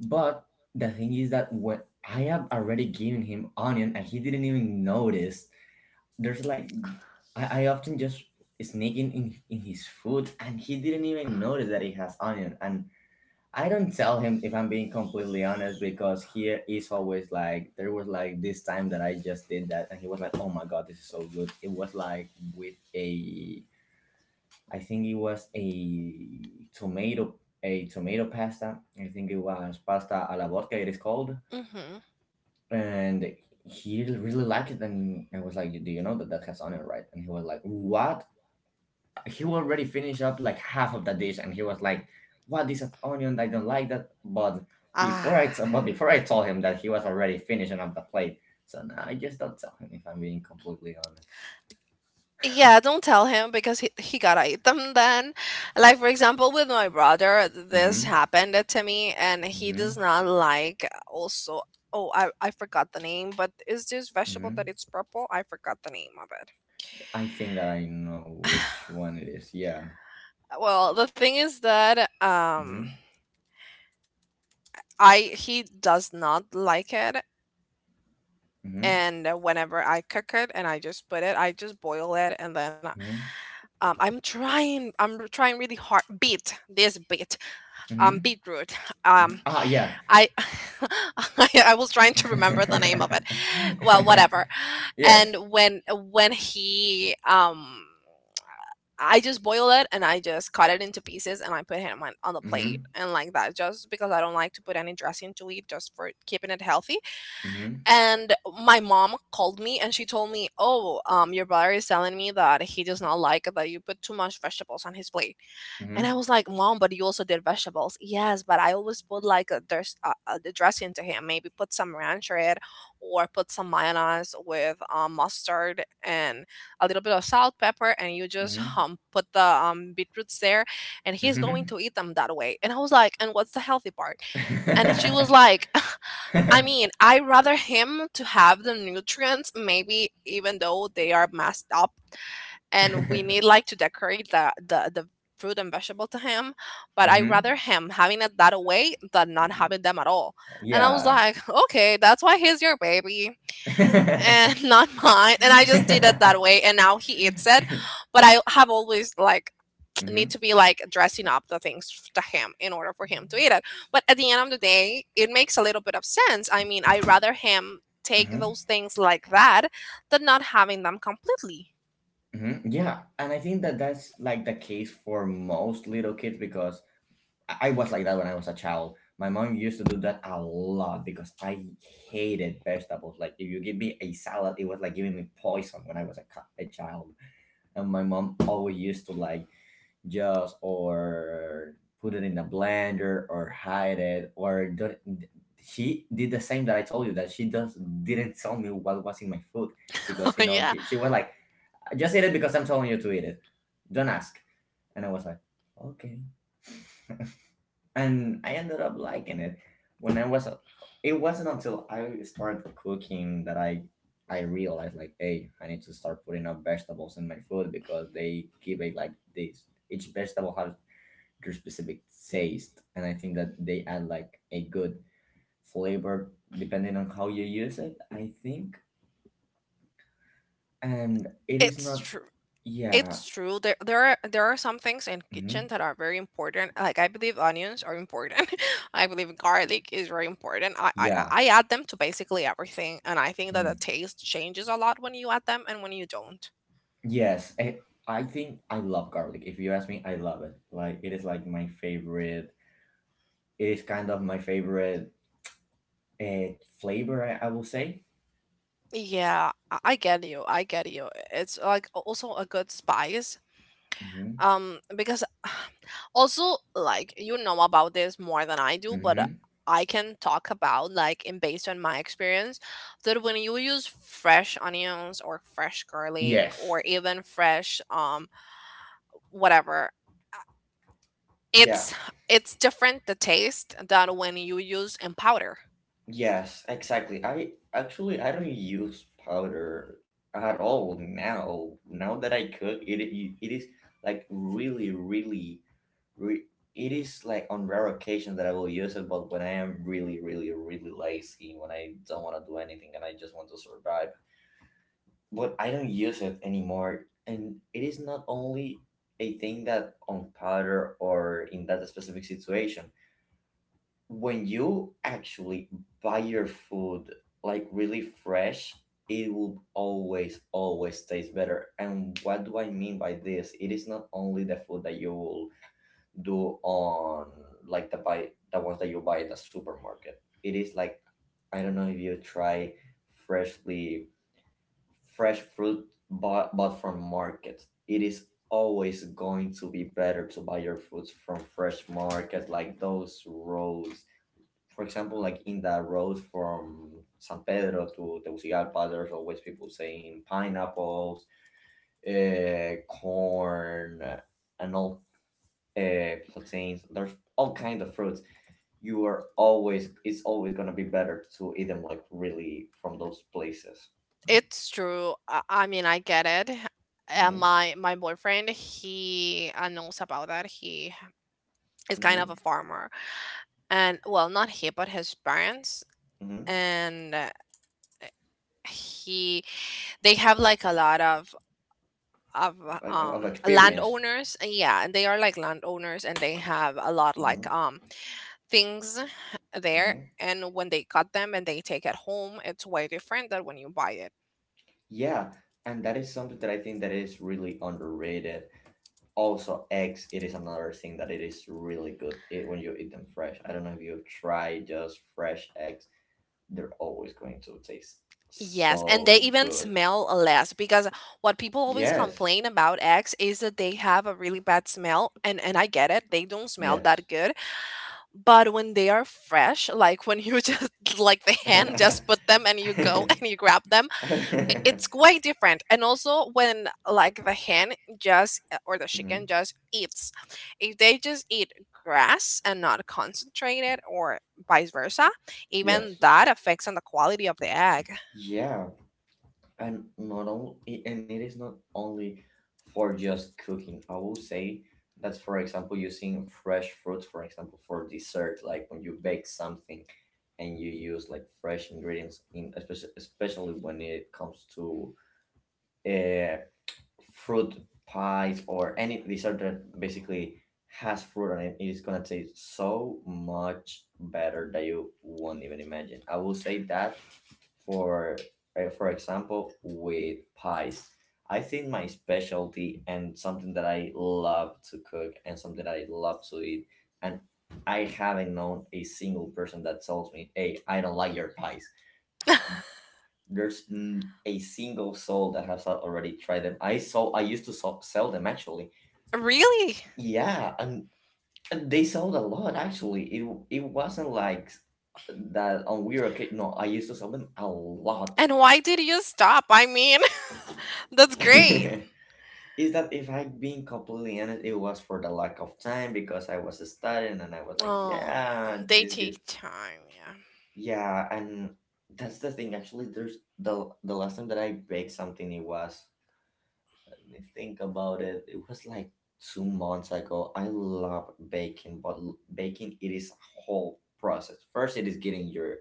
But the thing is that when I have already given him onion and he didn't even notice, there's like, I often just sneak in his food, and he didn't even notice that it has onion. And I don't tell him, if I'm being completely honest, because he is always like, there was like this time that I just did that and he was like, oh my god, this is so good. It was like with a I think it was a tomato pasta. I think it was pasta alla vodka, it is called. Mm-hmm. And he really liked it, and I was like, do you know that that has onion, right? And he was like, what? He already finished up like half of the dish, and he was like, what? This has onion, I don't like that. But Ah. But before I told him that, he was already finishing up the plate. So now I just don't tell him, if I'm being completely honest. Yeah, don't tell him because he gotta eat them then. Like, for example, with my brother, this Mm-hmm. happened to me, and he does Mm-hmm. not like also. Oh, I forgot the name, but is this vegetable that Mm-hmm. it's purple? I forgot the name of it. I think that I know which one it is, yeah. Well, the thing is that Mm-hmm. I he does not like it Mm-hmm. and whenever I cook it and I just put it, I just boil it and then Mm-hmm. I'm trying really hard, beet, Mm-hmm. beetroot. Mm-hmm. um Ah, yeah. I, I was trying to remember the name of it. Well, whatever. Yes. And when he I just boiled it and I just cut it into pieces and I put him on the plate Mhm. and like that just because I don't like to put any dressing to eat just for keeping it healthy. Mhm. And my mom called me and she told me, "Oh, your brother is telling me that he does not like that you put too much vegetables on his plate." And I Mhm. was like, Mom, but you also did vegetables. Yes, but I always put like there's a the dressing to him. Maybe put some ranch in it or put some mayonnaise with mustard and a little bit of salt, pepper, and you just Mhm. Put the beetroots there. And he's going Mhm. to eat them that way. And I was like, And what's the healthy part? And she was like, I Mhm. mean, I rather him to have the nutrients, maybe even though they are messed up and we need like to decorate the fruit and vegetable to him, but I rather him having it that way than not having them at all. And I was Yeah. like, okay, that's why he's your baby and not mine. And I just did it that way and now he eats it. But I have always like need to Mhm. be like dressing up the things to him in order for him to eat it. But at the end of the day it makes a little bit of sense. I mean, I rather him take Mhm. those things like that than not having them completely. Mhm. Yeah, and I think that that's like the case for most little kids, because I was like that when I was a child. My mom used to do that a lot because I hated vegetables. Like, if you give me a salad, it was like giving me poison when I was a child. And my mom always used to like, just, or put it in a blender or hide it or do not. She did the same that I told you that she does didn't tell me what was in my food. Because Yeah, she was like, just eat it because I'm telling you to eat it. Don't ask. And I was like, okay. And I ended up liking it. When I was It wasn't until I started cooking that I realized, like, hey, I need to start putting up vegetables in my food because they give it like this. Each vegetable has your specific taste, and I think that they add like a good flavor depending on how you use it, I think. And it is it's not. true. Yeah. It's true. There are some things in Mhm. kitchen that are very important. Like I believe onions are important. I believe garlic is very important. I Yeah. I add them to basically everything, and I think that the Mhm. taste changes a lot when you add them and when you don't. Yes, I think I love garlic. If you ask me, I love it. Like, it is like my favorite. It is kind of my favorite uh, flavor, I will say. Yeah, I get you. I get you. It's like also a good spice Mm-hmm. Because also like you know about this more than I do, but Mm-hmm. I can talk about like and based on my experience that when you use fresh onions or fresh garlic Yes. or even fresh whatever uh, Yeah. it's it's different the taste than when you use in powder. Yes, exactly. I actually I don't use powder at all now. Now that I cook, it is like really really re- it is like on rare occasions that I will use it, but when I am really really really lazy, when I don't want to do anything and I just want to survive, but I don't use it anymore. And it is not only a thing that on powder or in that specific situation, when you actually buy your food like really fresh, it will always always taste better. And what do I mean by this? It is not only the food that you will do on, like, the ones that you buy at the supermarket. It is like, I don't know if you try freshly fresh fruit bought from markets. It is always going to be better to buy your fruits from fresh markets, like those rows, for example, like in that road from San Pedro to Tegucigalpa. There's always people saying pineapples, corn, and all plantains. There's all kinds of fruits. You are always, it's always gonna be better to eat them, like really, from those places. It's true, I mean I get it. And Mm-hmm. My boyfriend, he knows about that. He is kind Mm-hmm. of a farmer, and well, not he but his parents. Mm-hmm. And he they have like a lot of Like, of experience. landowners. Yeah. And yeah, they are like landowners and they have a lot like Mm-hmm. Things there, Mm-hmm. and when they cut them and they take it home it's way different than when you buy it. Yeah, and that is something that I think that is really underrated. Also, eggs. It is another thing that it is really good. It When you eat them fresh. I don't know if you try just fresh eggs. They're always going to taste Yes, and so they even good. smell less because what people always Yes. complain about eggs is that they have a really bad smell, and I get it, they don't smell Yes. that good. But when they are fresh, like when you just like the hand just put them and you go and you grab them, it's quite different. And also when like the hen just or the chicken Mhm. just eats, if they just eat grass and not concentrated, or vice versa, even Yes. that affects on the quality of the egg. Yeah. and not only and it is not only for just cooking, I will say. That, for example, using fresh fruits, for example, for dessert, like when you bake something and you use like fresh ingredients in, especially, especially when it comes to uh, fruit pies or any dessert that basically has fruit on it, it is going to taste so much better that you won't even imagine. I will say that for for example, with pies, I think my specialty and something that I love to cook and something that I love to eat, and I haven't known a single person that tells me, "Hey, I don't like your pies." There's a single soul that has already tried them. I sold. I used to sell them, actually. Really? Yeah, and they sold a lot, actually. It wasn't like that on weird occasion. No, I used to sell them a lot. And why did you stop? I mean, that's great. Is that, if I'm being completely honest, it was for the lack of time because I was studying, and I was like, Oh yeah, yeah, they this good. take time. Yeah. Yeah, and that's the thing. Actually, there's the last time that I baked something. It was, let me think about it. It was like 2 months ago. I love baking, but baking, it is a whole process. First, it is getting your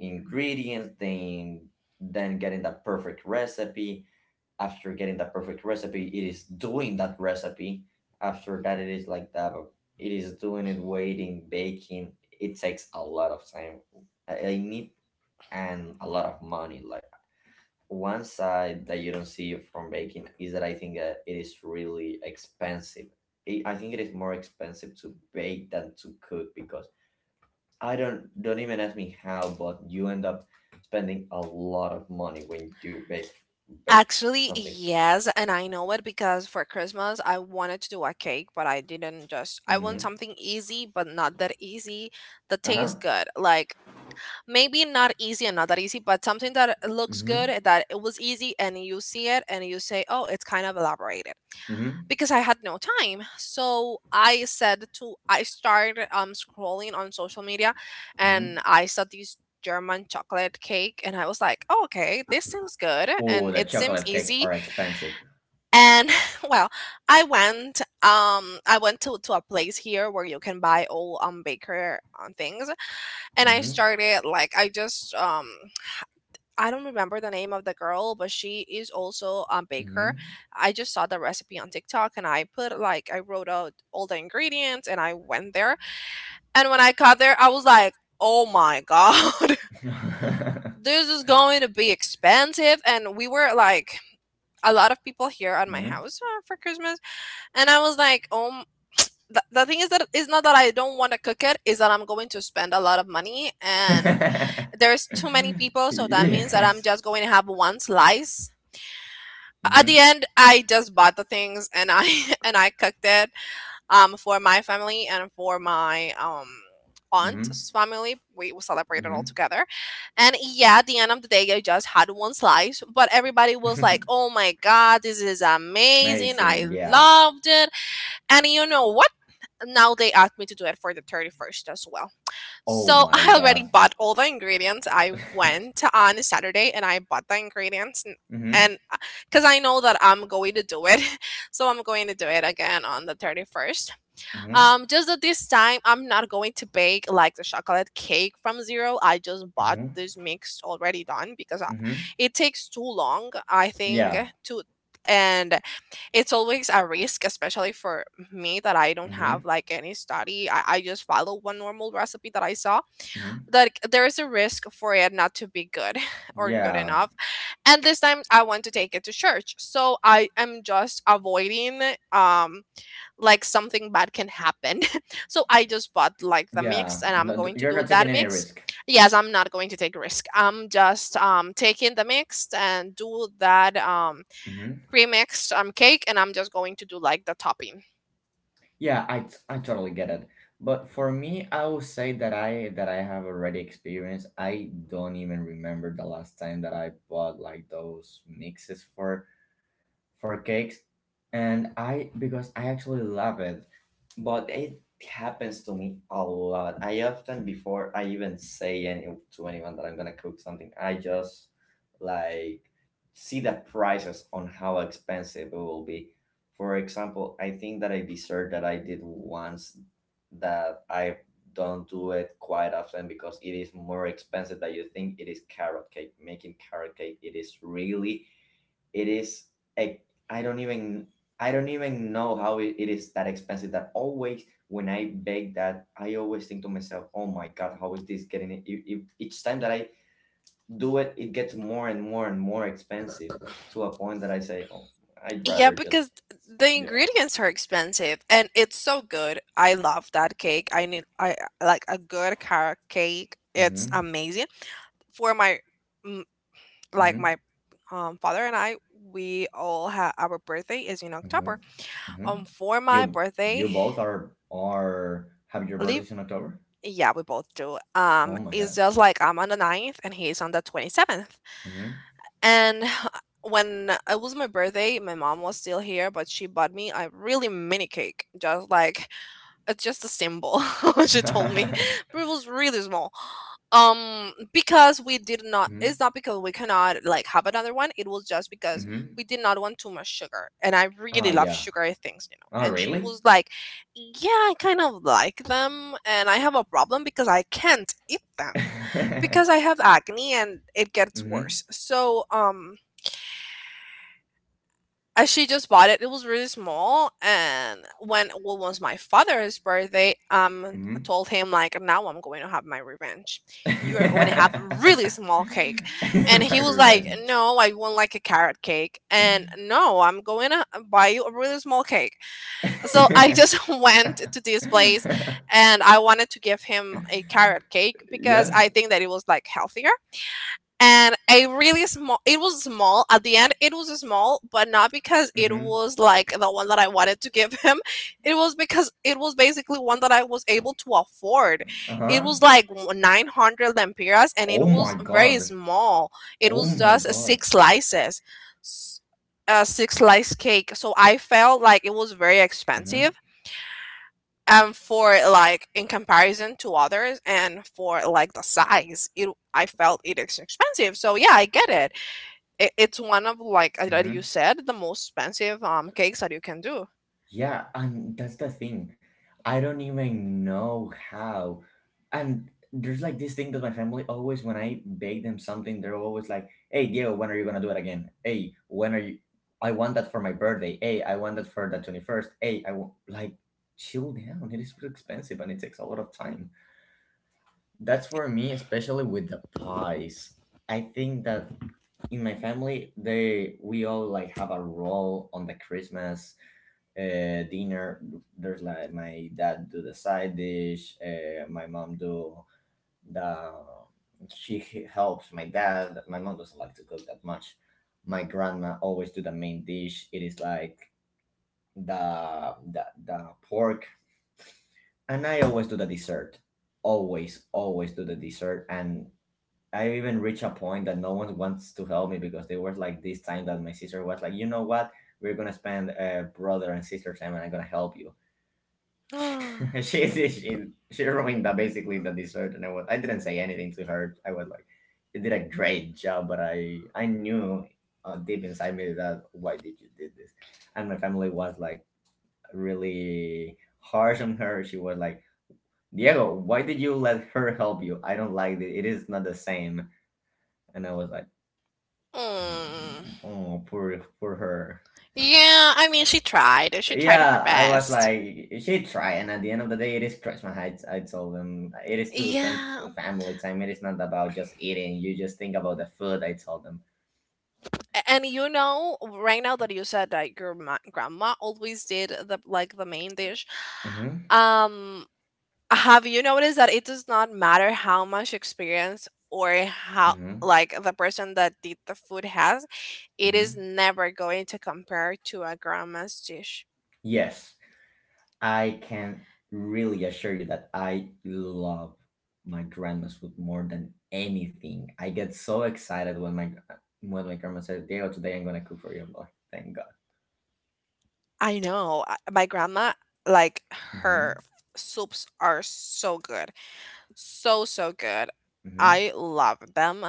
ingredients, then getting the perfect recipe. After getting the perfect recipe, it is doing that recipe. After that, it is like that. It is doing it, waiting, baking. It takes a lot of time. I need, and a lot of money. Like, one side that you don't see from baking is that I think that it is really expensive. I think it is more expensive to bake than to cook. Because I don't even ask me how, but you end up spending a lot of money when you bake. Bake Actually, something. yes, and I know it because for Christmas I wanted to do a cake, but I didn't, just I want Hmm. something easy but not that easy that tastes Uh-huh. good. Like maybe not easy and not that easy, but something that looks Mm-hmm. good and that it was easy and you see it and you say, "Oh, it's kind of elaborated." Mm-hmm. Because I had no time. So I said to I started scrolling on social media and Mm-hmm. I saw these German chocolate cake and I was like, oh, okay, this seems good Oh, and the it seems chocolate cakes easy are expensive. and well, I went to a place here where you can buy all baker things and I Mm-hmm. started like I just I don't remember the name of the girl, but she is also a baker. Mm-hmm. I just saw the recipe on TikTok and I put like I wrote out all the ingredients and I went there. And when I got there, I was like, "Oh my god. This is going to be expensive." And we were like a lot of people here at my Mm-hmm. house for Christmas, and I was like, "Oh, the thing is that it's not that I don't want to cook it, is that I'm going to spend a lot of money and there's too many people, so that means that I'm Yes. just going to have one slice. At Mm-hmm. the end, I just bought the things and I and I cooked it for my family and for my Mm-hmm. aunt's family. We celebrated all together. And yeah, at the end of the day, I just had one slice, but everybody was like, Mm-hmm. "Oh my god, this is amazing. I Amazing. Yeah. loved it." And you know what? Now they asked me to do it for the 31st as well. Oh So my I already god. bought all the ingredients. I went on Saturday and I bought the ingredients Mm-hmm. and because I know that I'm going to do it, so I'm going to do it again on the 31st. Mm-hmm. Just that this time I'm not going to bake like the chocolate cake from zero. I just bought Mm-hmm. this mix already done because Mm-hmm. it takes too long. I think Yeah. to and it's always a risk, especially for me that I don't have Mm-hmm. like any study. I just follow one normal recipe that I saw. Mm-hmm. That there is a risk for it not to be good or good Yeah. enough. And this time I want to take it to church. So I am just avoiding um like something bad can happen. So I just bought like the Yeah. mix and I'm No, going to you're do not taking that any mix. risk. Yes, I'm not going to take risk. I'm just taking the mix and do that Mm-hmm. pre-mixed cake and I'm just going to do like the topping. Yeah, I totally get it. But for me, I would say that I have already experienced. I don't even remember the last time that I bought like those mixes for cakes. And I Because I actually love it. But it happens to me a lot. I often, before I even say any to anyone that I'm gonna cook something, I just, like, see the prices on how expensive it will be. For example, I think that a dessert that I did once, that I don't do it quite often because it is more expensive than you think, it is carrot cake. Making carrot cake, it is really, it is a, I don't even I don't even know how it is that expensive. That always when I bake that, I always think to myself, "Oh my god, how is this getting it?" Each time that I do it, it gets more and more and more expensive, to a point that I say, "Oh, I'd Yeah, rather because just, the yeah." ingredients are expensive and it's so good. I love that cake. I need I like a good carrot cake. It's Mm-hmm. amazing. For my mm, like my Mm-hmm. Father and I, we all have our birthday is in Mm-hmm. October. Mm-hmm. Um, for my You birthday, you both are have your leave birthdays in October. yeah, we both do. Um, Oh my it's god. just like I'm on the ninth and he's on the 27th. Mm-hmm. And when it was my birthday, my mom was still here, but she bought me a really mini cake, just like it's just a symbol, she told me. Mm-hmm. But it was really small. Because we did not, it's not because we cannot like have another one. It was just because Mm-hmm. we did not want too much sugar. And I really Oh love yeah. sugary things, you know. Oh And she really? was like, yeah, I kind of like them. And I have a problem because I can't eat them because I have acne and it gets Mhm. worse. So, I she just bought it. It was really small, and when well, it was my father's birthday, I Mhm. told him like, now I'm going to have my revenge. You are going to have a really small cake, and My he was like, revenge. no, I want like a carrot cake, and no, I'm going to buy you a really small cake. So I just went to this place, and I wanted to give him a carrot cake because Yeah. I think that it was like healthier and a really small it was small at the end it was small but not because it Mhm. was like the one that I wanted to give him. It was because it was basically one that I was able to afford. It Uh-huh. was like 900 lempiras and it Oh was my very god. small. It Oh was my just god. six slices, s- a six slice cake, so I felt like it was very expensive Mhm. For like in comparison to others and for like the size it I felt it is expensive, so yeah, I get it, it it's one of like that you Mhm. said the most expensive cakes that you can do. Yeah, and that's the thing. I don't even know how. And there's like this thing that my family always, when I bake them something, they're always like, "Hey, Diego, when are you gonna do it again? Hey, when are you? I want that for my birthday. Hey, I want that for the 21st. Hey, I want like." Chill down. It is so expensive and it takes a lot of time. That's for me, especially with the pies. I think that in my family, they we all like have a role on the Christmas dinner. There's like, my dad do the side dish, my mom do the she helps my dad. My mom doesn't like to cook that much. My grandma always do the main dish, it is like the pork. And I always do the dessert. Always, always do the dessert. And I even reached a point that no one wants to help me, because they were like, this time that my sister was like, you know what? We're gonna spend brother and sister time, and I'm gonna help you. she she she ruined that, basically the dessert. And I didn't say anything to her. I was like, you did a great job, but I knew, deep inside me, that why did you did this? And my family was like really harsh on her. She was like, Diego, why did you let her help you? I don't like it. It is not the same. And I was like, Mm. "Mm, oh, poor her." Yeah, I mean, she tried, she tried her Yeah, I was best. like, she try, and at the end of the day, it is Christmas. I told them it is to spend Yeah. family time. It is not about just eating. You just think about the food. I told them. And you know right now that you said that your ma- grandma always did the like the main dish, Hmm. um, have you noticed that it does not matter how much experience or how Hmm. like the person that did the food has, it is Hmm. never going to compare to a grandma's dish. Yes, I can really assure you that I love my grandma's food more than anything. I get so excited when my grandma says, "Diego, today I'm gonna cook for you." I'm like, thank God. I know. My grandma, like her Hmm. f- soups are so good. So, so good. Hmm. I love them.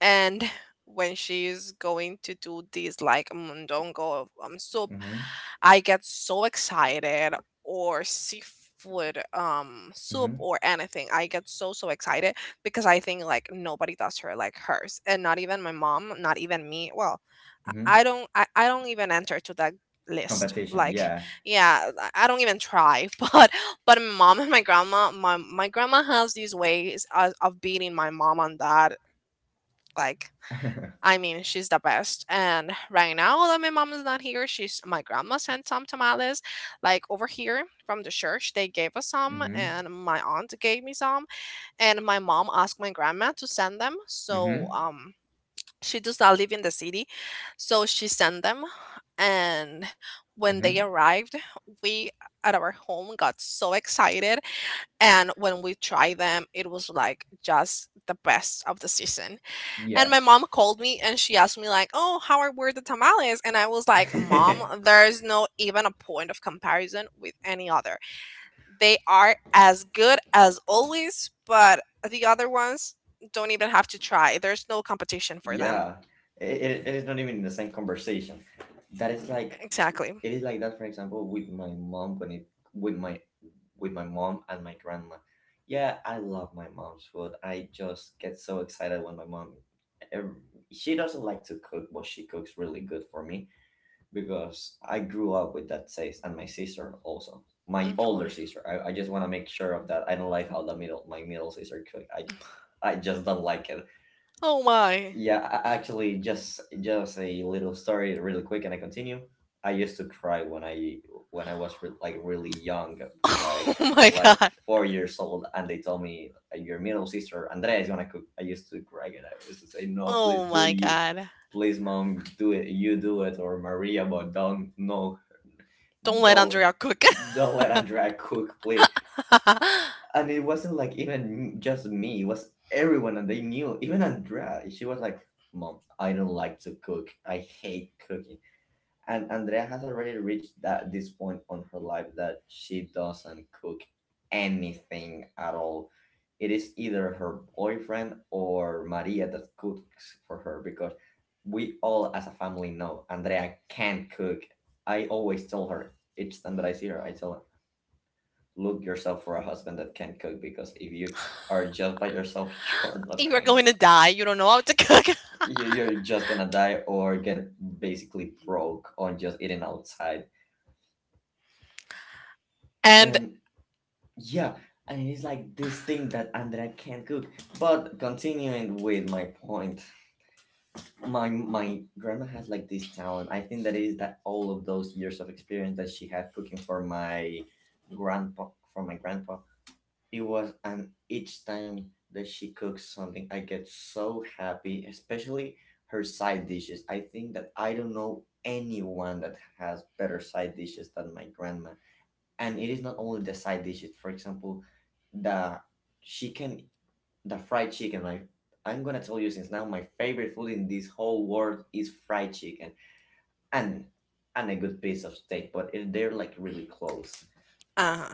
And when she's going to do this like mondongo soup, Hmm. I get so excited or seafood soup Hmm. or anything. I get so so excited because I think like nobody does her like hers. And not even my mom, not even me. Well, I Hmm. I don't even enter to that list. Competition, Like, yeah. yeah, I don't even try, but my mom and my grandma, my grandma has these ways of beating my mom on that. Like, I mean, she's the best. And right now that my mom is not here, she's my grandma sent some tamales. Like over here from the church, they gave us some, Hmm. and my aunt gave me some, and my mom asked my grandma to send them. So Mm-hmm. She does not live in the city, so she sent them, and when they Mm-hmm. arrived, we at our home got so excited and when we tried them, it was like just the best of the season. And my Yes. mom called me and she asked me like, "Oh, how are were the tamales?" And I was like, "Mom, there's no even a point of comparison with any other. They are as good as always, but the other ones don't even have to try. There's no competition for them." Yeah, it is not even the same conversation. That is like, Exactly. it is like that. For example, with my mom, when it with my with my mom and my grandma. Yeah, I love my mom's food. I just get so excited when my mom. ev- She doesn't like to cook, but she cooks really good for me because I grew up with that taste, and my sister also. My older Okay. sister. I just want to make sure of that. I don't like how the middle my middle sister cook. I just don't like it. Oh my. Yeah, actually, just a little story, really quick, and I continue. I used to cry when I like really young, like Oh my like god. 4 years old, and they told me your middle sister Andrea is gonna cook. I used to cry, and I used to say, "No, please Oh do my you, god. please, mom, do it, you do it, or Maria, but don't no, Don't let don't Andrea cook. don't let Andrea cook, please." And it wasn't like even just me, it was everyone, and they knew. Even Andrea, she was like, "Mom, I don't like to cook, I hate cooking." And Andrea has already reached that this point on her life that she doesn't cook anything at all. It is either her boyfriend or Maria that cooks for her, because we all as a family know Andrea can't cook. I always tell her, each time that I see her, I tell, "Look yourself for a husband that can cook, because if you are just by yourself, you're not You are going going to." to die. You don't know how you- to cook. You're just gonna die or get basically broke on just eating outside. And And yeah, and it's like this thing that Andrea can't cook. But continuing with my point, my grandma has like this talent. I think that is that all of those years of experience that she had cooking for my grandpa, it was, and each time that she cooks something, I get so happy, especially her side dishes. I think that I don't know anyone that has better side dishes than my grandma. And it is not only the side dishes, for example, the chicken, the fried chicken. My, I'm gonna tell you since now, my favorite food in this whole world is fried chicken and a good piece of steak, but if they're like really close. uh,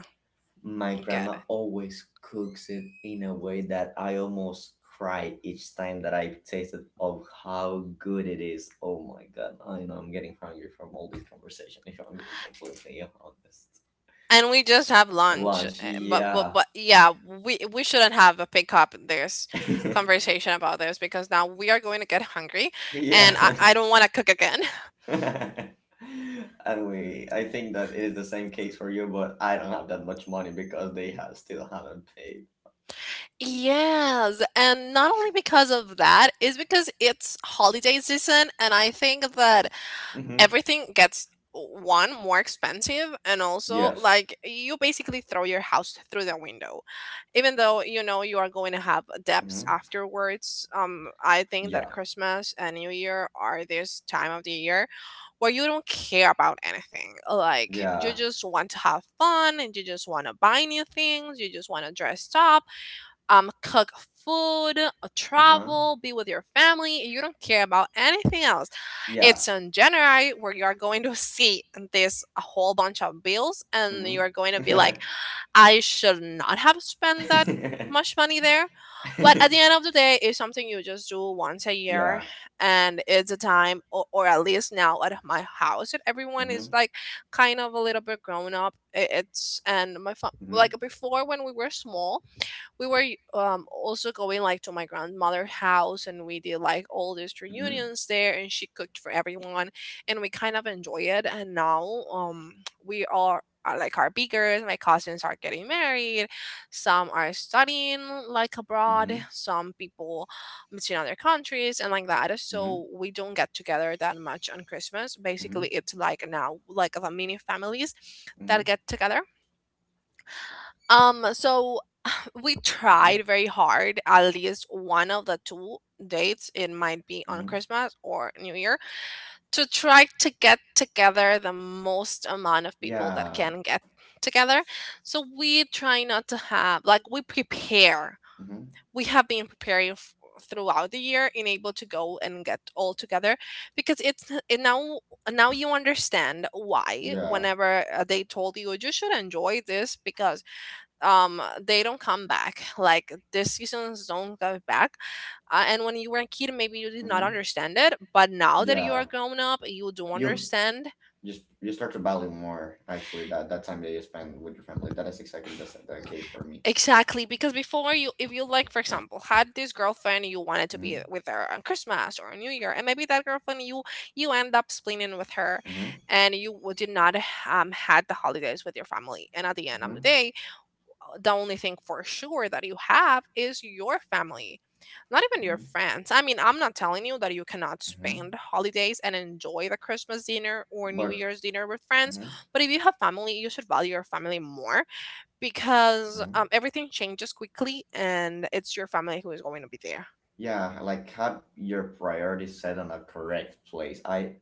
My get it. grandma always cooks it in a way that I almost cry each time that I taste it of how good it is. Oh my god, I know I'm getting hungry from all this conversation, if I'm being completely honest. And we just have lunch, Lunch, eh, but but yeah. but yeah, we shouldn't have a pick up this conversation about this because now we are going to get hungry, and Yeah. I don't want to cook again. and we I think that it is the same case for you, but I don't have that much money because they have still haven't paid. Yes, and not only because of that is because it's holiday season, and I think that Hmm. everything gets one more expensive and also Yes. like you basically throw your house through the window even though you know you are going to have debts Hmm. afterwards. Um, I think that Yeah. Christmas and New Year are this time of the year where you don't care about anything, like you Yeah. just want to have fun and you just want to buy new things, you just want to dress up, cook food, Uh huh. travel, be with your family, you don't care about anything else. Yeah. It's in January where you are going to see this a whole bunch of bills and you are going to Mm-hmm. be like, I should not have spent that much money there. But at the end of the day, it's something you just do once a year, Yeah. and it's a time or at least now at my house that everyone Mm-hmm. is like kind of a little bit grown up. I- It's and my fa- Mm-hmm. like before when we were small, we were also going like to my grandmother's house and we did like all these Mm-hmm. reunions there and she cooked for everyone, and we kind of enjoy it. And now we are bigger, my cousins are getting married, some are studying like abroad, Mm-hmm. some people it's in other countries and like that. Mm-hmm. So we don't get together that much on Christmas, Mm-hmm. basically it's like now like the mini families Mm-hmm. that get together, so we Mm-hmm. tried very hard at least one of the two dates, it might be on Mm-hmm. Christmas or New Year, to try to get together the most amount of people that Yeah. can get together. So we try not to have like we prepare, Mm-hmm. we have been preparing f- throughout the year and able to go and get all together, because it's it now now you understand why Yeah. whenever they told you you should enjoy this, because they don't come back, like these seasons don't go back, and when you were a kid maybe you did not Mm-hmm. understand it, but now that you are Yeah. grown up you do You understand. You start to value more actually that time that you spend with your family. That is exactly the case for me. Exactly, because before you if you like for example had this girlfriend you wanted to be Mm-hmm. with her on Christmas or New Year, and maybe that girlfriend you you end up splitting with her, Mm-hmm. and you w- did not had the holidays with your family, and at the end of the Mm-hmm. day the only thing for sure that you have is your family, not even your Mm-hmm. friends. I mean, I'm not telling you that you cannot Mm-hmm. spend holidays and enjoy the Christmas dinner or New But. Year's dinner with friends, Mm-hmm. but if you have family, you should value your family more because Mm-hmm. Everything changes quickly and it's your family who is going to be there. Yeah, like have your priorities set on a correct place. I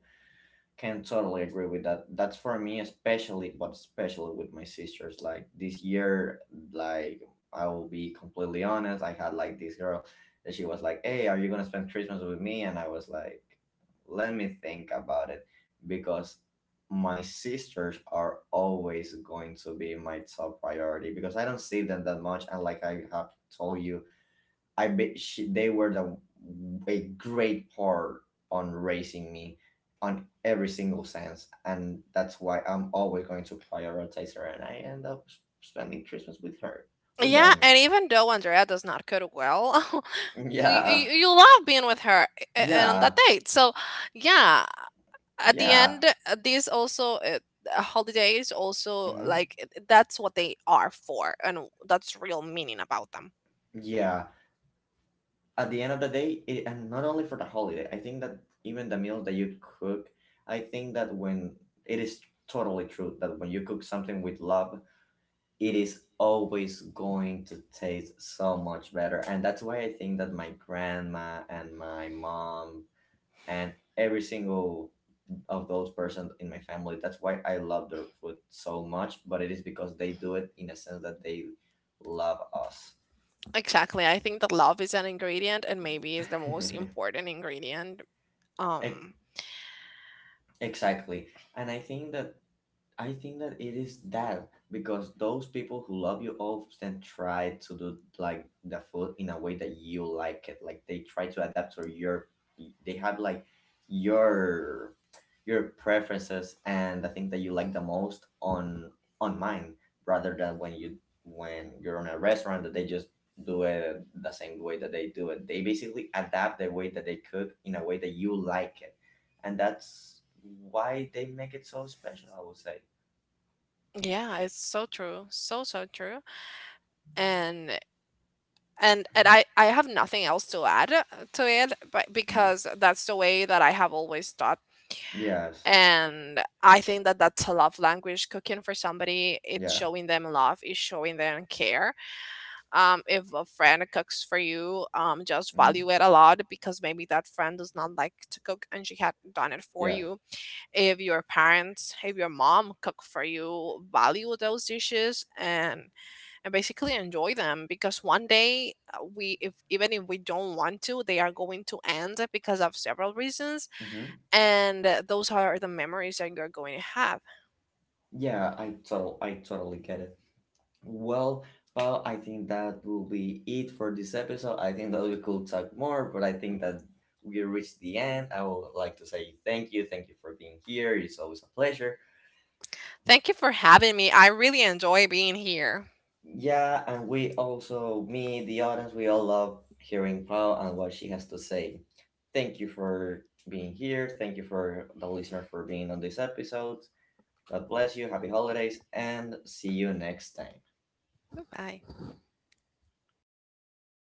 can totally agree with that. That's for me especially, but especially with my sisters. Like this year, like, I will be completely honest, I had like this girl that she was like, "Hey, are you gonna spend Christmas with me?" And I was like, "Let me think about it," because my sisters are always going to be my top priority, because I don't see them that much, and like I have told you, I bet they were the a great part on raising me on every single sense, and that's why I'm always going to prioritize her, and I end up spending Christmas with her, with Yeah, them. and even though Andrea does not cook well, you, Yeah, you love being with her and on that yeah, date. So, yeah, at the yeah, end these also holidays also hmm, like that's what they are for and that's real meaning about them. yeah. At the end of the day, and not only for the holiday, I think that even the meals that you cook, I think that when it is totally true that when you cook something with love, it is always going to taste so much better. And that's why I think that my grandma and my mom and every single of those persons in my family, that's why I love their food so much. But it is because they do it in a sense that they love us. Exactly, I think that love is an ingredient and maybe is the most important ingredient. E- Um, exactly. And I think that it is that because those people who love you often try to do like the food in a way that you like it. Like they try to adapt to your, they have like your preferences and the thing that you like the most on mine rather than when you when you're on a restaurant that they just do it the same way that they do it. They basically adapt the way that they cook in a way that you like it, and that's why they make it so special, I would say. yeah, it's so true, so so true. And and and i i have nothing else to add to it, but Hmm. because that's the way that I have always thought, Yes. and I think that that's a love language, cooking for somebody, it's Yeah. showing them love, it's showing them care. Um, if a friend cooks for you, just Hmm. value it a lot because maybe that friend does not like to cook and she had done it for Yes. you. If your parents, if your mom cook for you, value those dishes and basically enjoy them, because one day we, if even if we don't want to, they are going to end because of several reasons, Hmm. and those are the memories that you're going to have. I totally get it. Well, Paul, I think that will be it for this episode. I think that we could talk more, but I think that we reached the end. I would like to say thank you. Thank you for being here. It's always a pleasure. Thank you for having me. I really enjoy being here. Yeah, and we also, me, the audience, we all love hearing Paul and what she has to say. Thank you for being here. Thank you for the listener for being on this episode. God bless you, happy holidays, and see you next time. Bye.